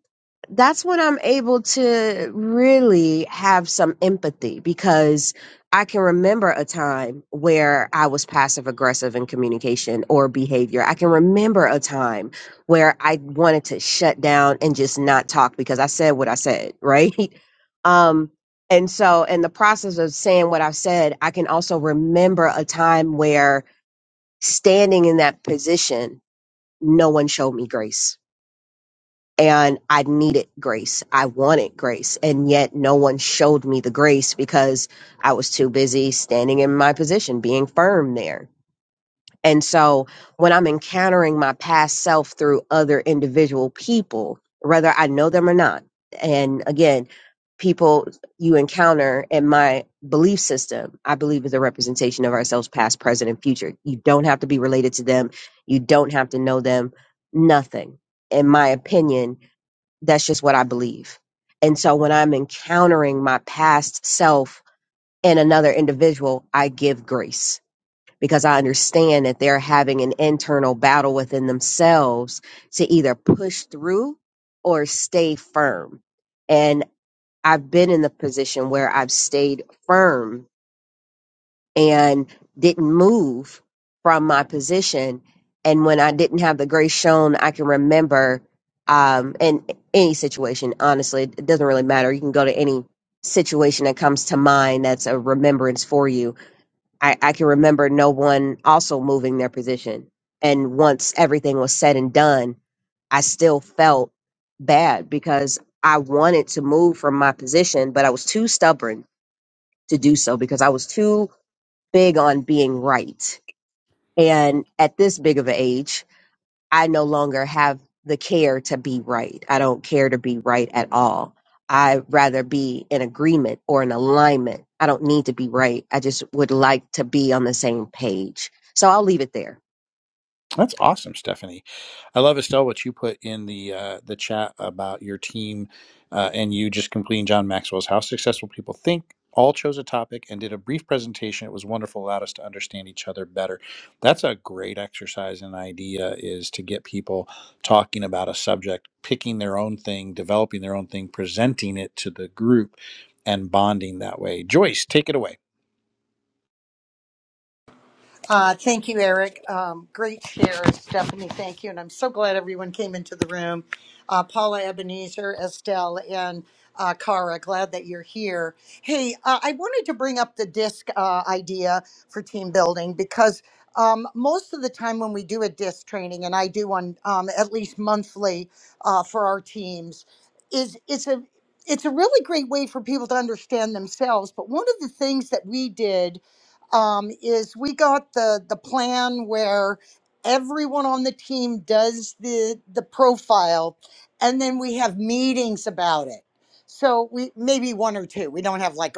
B: that's when I'm able to really have some empathy because I can remember a time where I was passive aggressive in communication or behavior. I can remember a time where I wanted to shut down and just not talk because I said what I said, right? Um, and so, in the process of saying what I've said, I can also remember a time where standing in that position, no one showed me grace. And I needed grace. I wanted grace. And yet, no one showed me the grace because I was too busy standing in my position, being firm there. And so when I'm encountering my past self through other individual people, whether I know them or not, and again, people you encounter in my belief system, I believe is a representation of ourselves, past, present, and future. You don't have to be related to them. You don't have to know them. Nothing. In my opinion, that's just what I believe. And so when I'm encountering my past self in another individual, I give grace because I understand that they're having an internal battle within themselves to either push through or stay firm. And I've been in the position where I've stayed firm and didn't move from my position. And when I didn't have the grace shown, I can remember um, in any situation, honestly, it doesn't really matter. You can go to any situation that comes to mind that's a remembrance for you I, I can remember no one also moving their position. And once everything was said and done, I still felt bad because I wanted to move from my position, but I was too stubborn to do so because I was too big on being right. And at this big of an age, I no longer have the care to be right. I don't care to be right at all. I'd rather be in agreement or in alignment. I don't need to be right. I just would like to be on the same page. So I'll leave it there.
A: That's awesome, Stephanie. I love Estelle what you put in the uh, the chat about your team uh, and you just completing John Maxwell's How Successful People Think. All chose a topic and did a brief presentation. It was wonderful, allowed us to understand each other better. That's a great exercise and idea is to get people talking about a subject, picking their own thing, developing their own thing, presenting it to the group, and bonding that way. Joyce, take it away.
C: Uh, thank you, Eric. Um, great share, Stephanie. Thank you. And I'm so glad everyone came into the room. Uh, Paula Ebenezer, Estelle, and uh, Cara, glad that you're here. Hey, uh, I wanted to bring up the disc uh, idea for team building because um, most of the time when we do a disc training, and I do one um, at least monthly uh, for our teams, is it's a it's a really great way for people to understand themselves. But one of the things that we did um, is we got the the plan where everyone on the team does the the profile, and then we have meetings about it. So we maybe one or two. We don't have like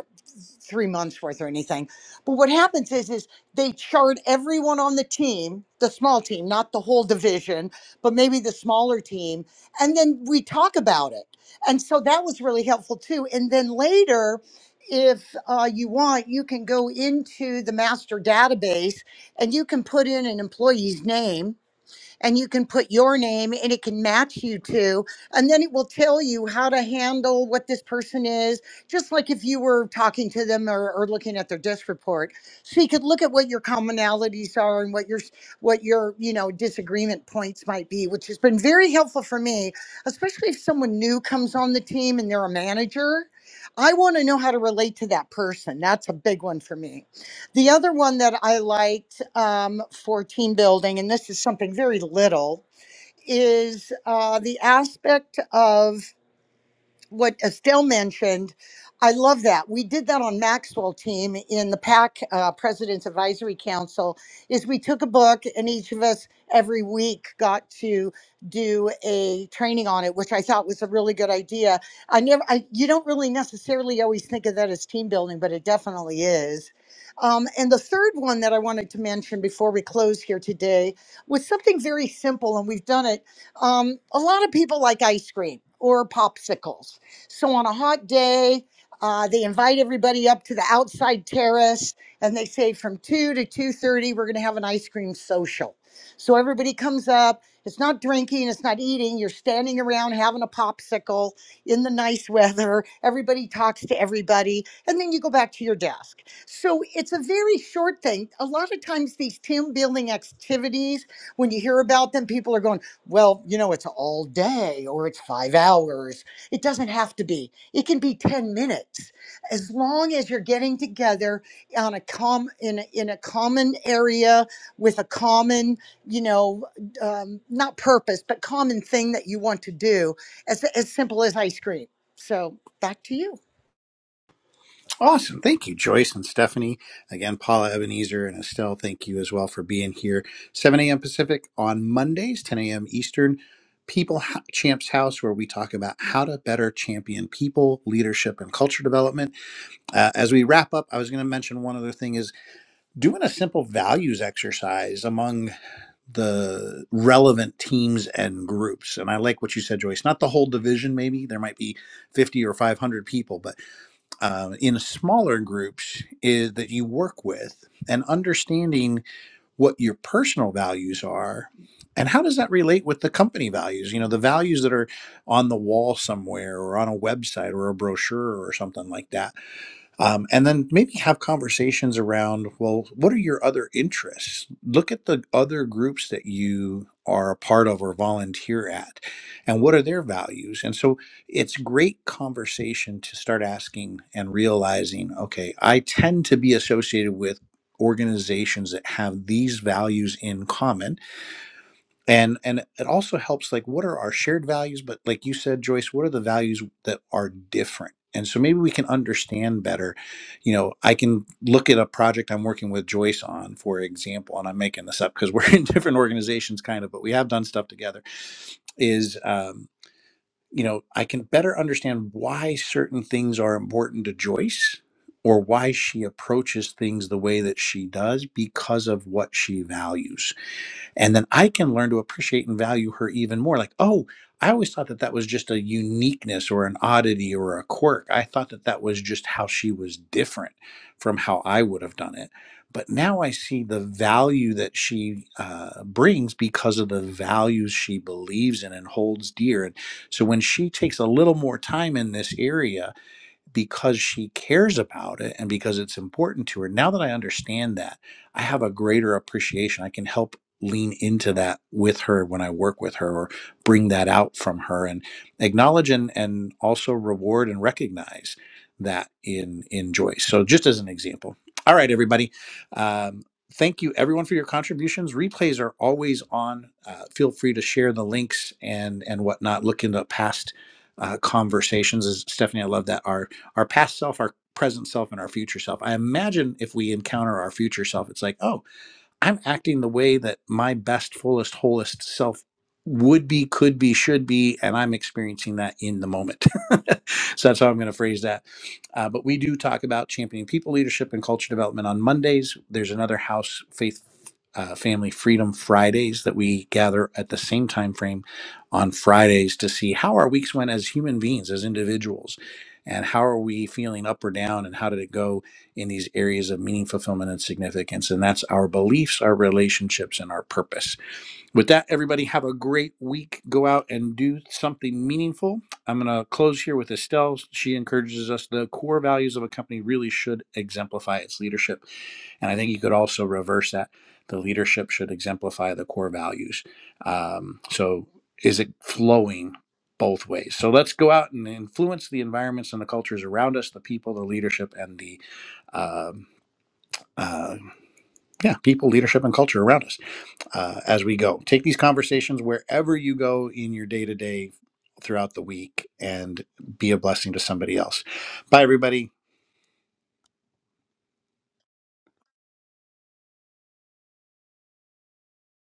C: three months worth or anything. But what happens is is they chart everyone on the team, the small team, not the whole division, but maybe the smaller team, and then we talk about it. And so that was really helpful too. And then later, if uh, you want, you can go into the master database and you can put in an employee's name and you can put your name and it can match you to and then it will tell you how to handle what this person is just like if you were talking to them or, or looking at their desk report so you could look at what your commonalities are and what your s- what your you know disagreement points might be which has been very helpful for me especially if someone new comes on the team and they're a manager i want to know how to relate to that person that's a big one for me the other one that I liked um, for team building, and this is something very little, is uh, the aspect of what Estelle mentioned, I love that. We did that on Maxwell team in the PAC uh, President's Advisory Council. Is we took a book and each of us every week got to do a training on it, which I thought was a really good idea. I never, I, you don't really necessarily always think of that as team building, but it definitely is. Um, and the third one that I wanted to mention before we close here today was something very simple, and we've done it um, a lot of people like ice cream or popsicles. So on a hot day, uh, they invite everybody up to the outside terrace, and they say from two to two thirty, we're going to have an ice cream social. So everybody comes up. It's not drinking. It's not eating. You're standing around having a popsicle in the nice weather. Everybody talks to everybody, and then you go back to your desk. So it's a very short thing. A lot of times, these team building activities, when you hear about them, people are going, well, you know, it's all day or it's five hours it doesn't have to be, it can be 10 minutes. As long as you're getting together on a com- in, a, in a common area with a common, you know, um, not purpose, but common thing that you want to do, as, as simple as ice cream. So back to you.
A: Awesome. Thank you, Joyce and Stephanie. Again, Paula Ebenezer and Estelle, thank you as well for being here. 7 a.m. Pacific on Mondays, 10 a.m. Eastern, People Ho- Champs House, where we talk about how to better champion people, leadership, and culture development. Uh, as we wrap up, I was going to mention one other thing is doing a simple values exercise among the relevant teams and groups. And I like what you said, Joyce. Not the whole division, maybe. There might be 50 or 500 people, but uh, in smaller groups is that you work with and understanding what your personal values are and how does that relate with the company values you know the values that are on the wall somewhere or on a website or a brochure or something like that um, and then maybe have conversations around well what are your other interests look at the other groups that you are a part of or volunteer at and what are their values and so it's great conversation to start asking and realizing okay i tend to be associated with organizations that have these values in common and and it also helps like what are our shared values but like you said joyce what are the values that are different and so maybe we can understand better you know i can look at a project i'm working with joyce on for example and i'm making this up because we're in different organizations kind of but we have done stuff together is um, you know i can better understand why certain things are important to joyce or why she approaches things the way that she does because of what she values and then i can learn to appreciate and value her even more like oh i always thought that that was just a uniqueness or an oddity or a quirk i thought that that was just how she was different from how i would have done it but now i see the value that she uh, brings because of the values she believes in and holds dear and so when she takes a little more time in this area because she cares about it and because it's important to her. Now that I understand that, I have a greater appreciation. I can help lean into that with her when I work with her or bring that out from her and acknowledge and, and also reward and recognize that in in Joyce. So just as an example. All right, everybody. Um, thank you everyone for your contributions. Replays are always on. Uh, feel free to share the links and and whatnot. Look into past uh, conversations. As Stephanie, I love that. Our our past self, our present self, and our future self. I imagine if we encounter our future self, it's like, oh, I'm acting the way that my best, fullest, wholest self would be, could be, should be, and I'm experiencing that in the moment. so that's how I'm going to phrase that. Uh, but we do talk about championing people leadership and culture development on Mondays. There's another house faith. Uh, family freedom fridays that we gather at the same time frame on fridays to see how our weeks went as human beings as individuals and how are we feeling up or down and how did it go in these areas of meaning, fulfillment, and significance. And that's our beliefs, our relationships, and our purpose. With that, everybody, have a great week. Go out and do something meaningful. I'm going to close here with Estelle. She encourages us the core values of a company really should exemplify its leadership. And I think you could also reverse that. The leadership should exemplify the core values. Um, so is it flowing? Both ways. So let's go out and influence the environments and the cultures around us, the people, the leadership, and the um, uh, yeah, people, leadership, and culture around us uh, as we go. Take these conversations wherever you go in your day to day throughout the week and be a blessing to somebody else. Bye, everybody.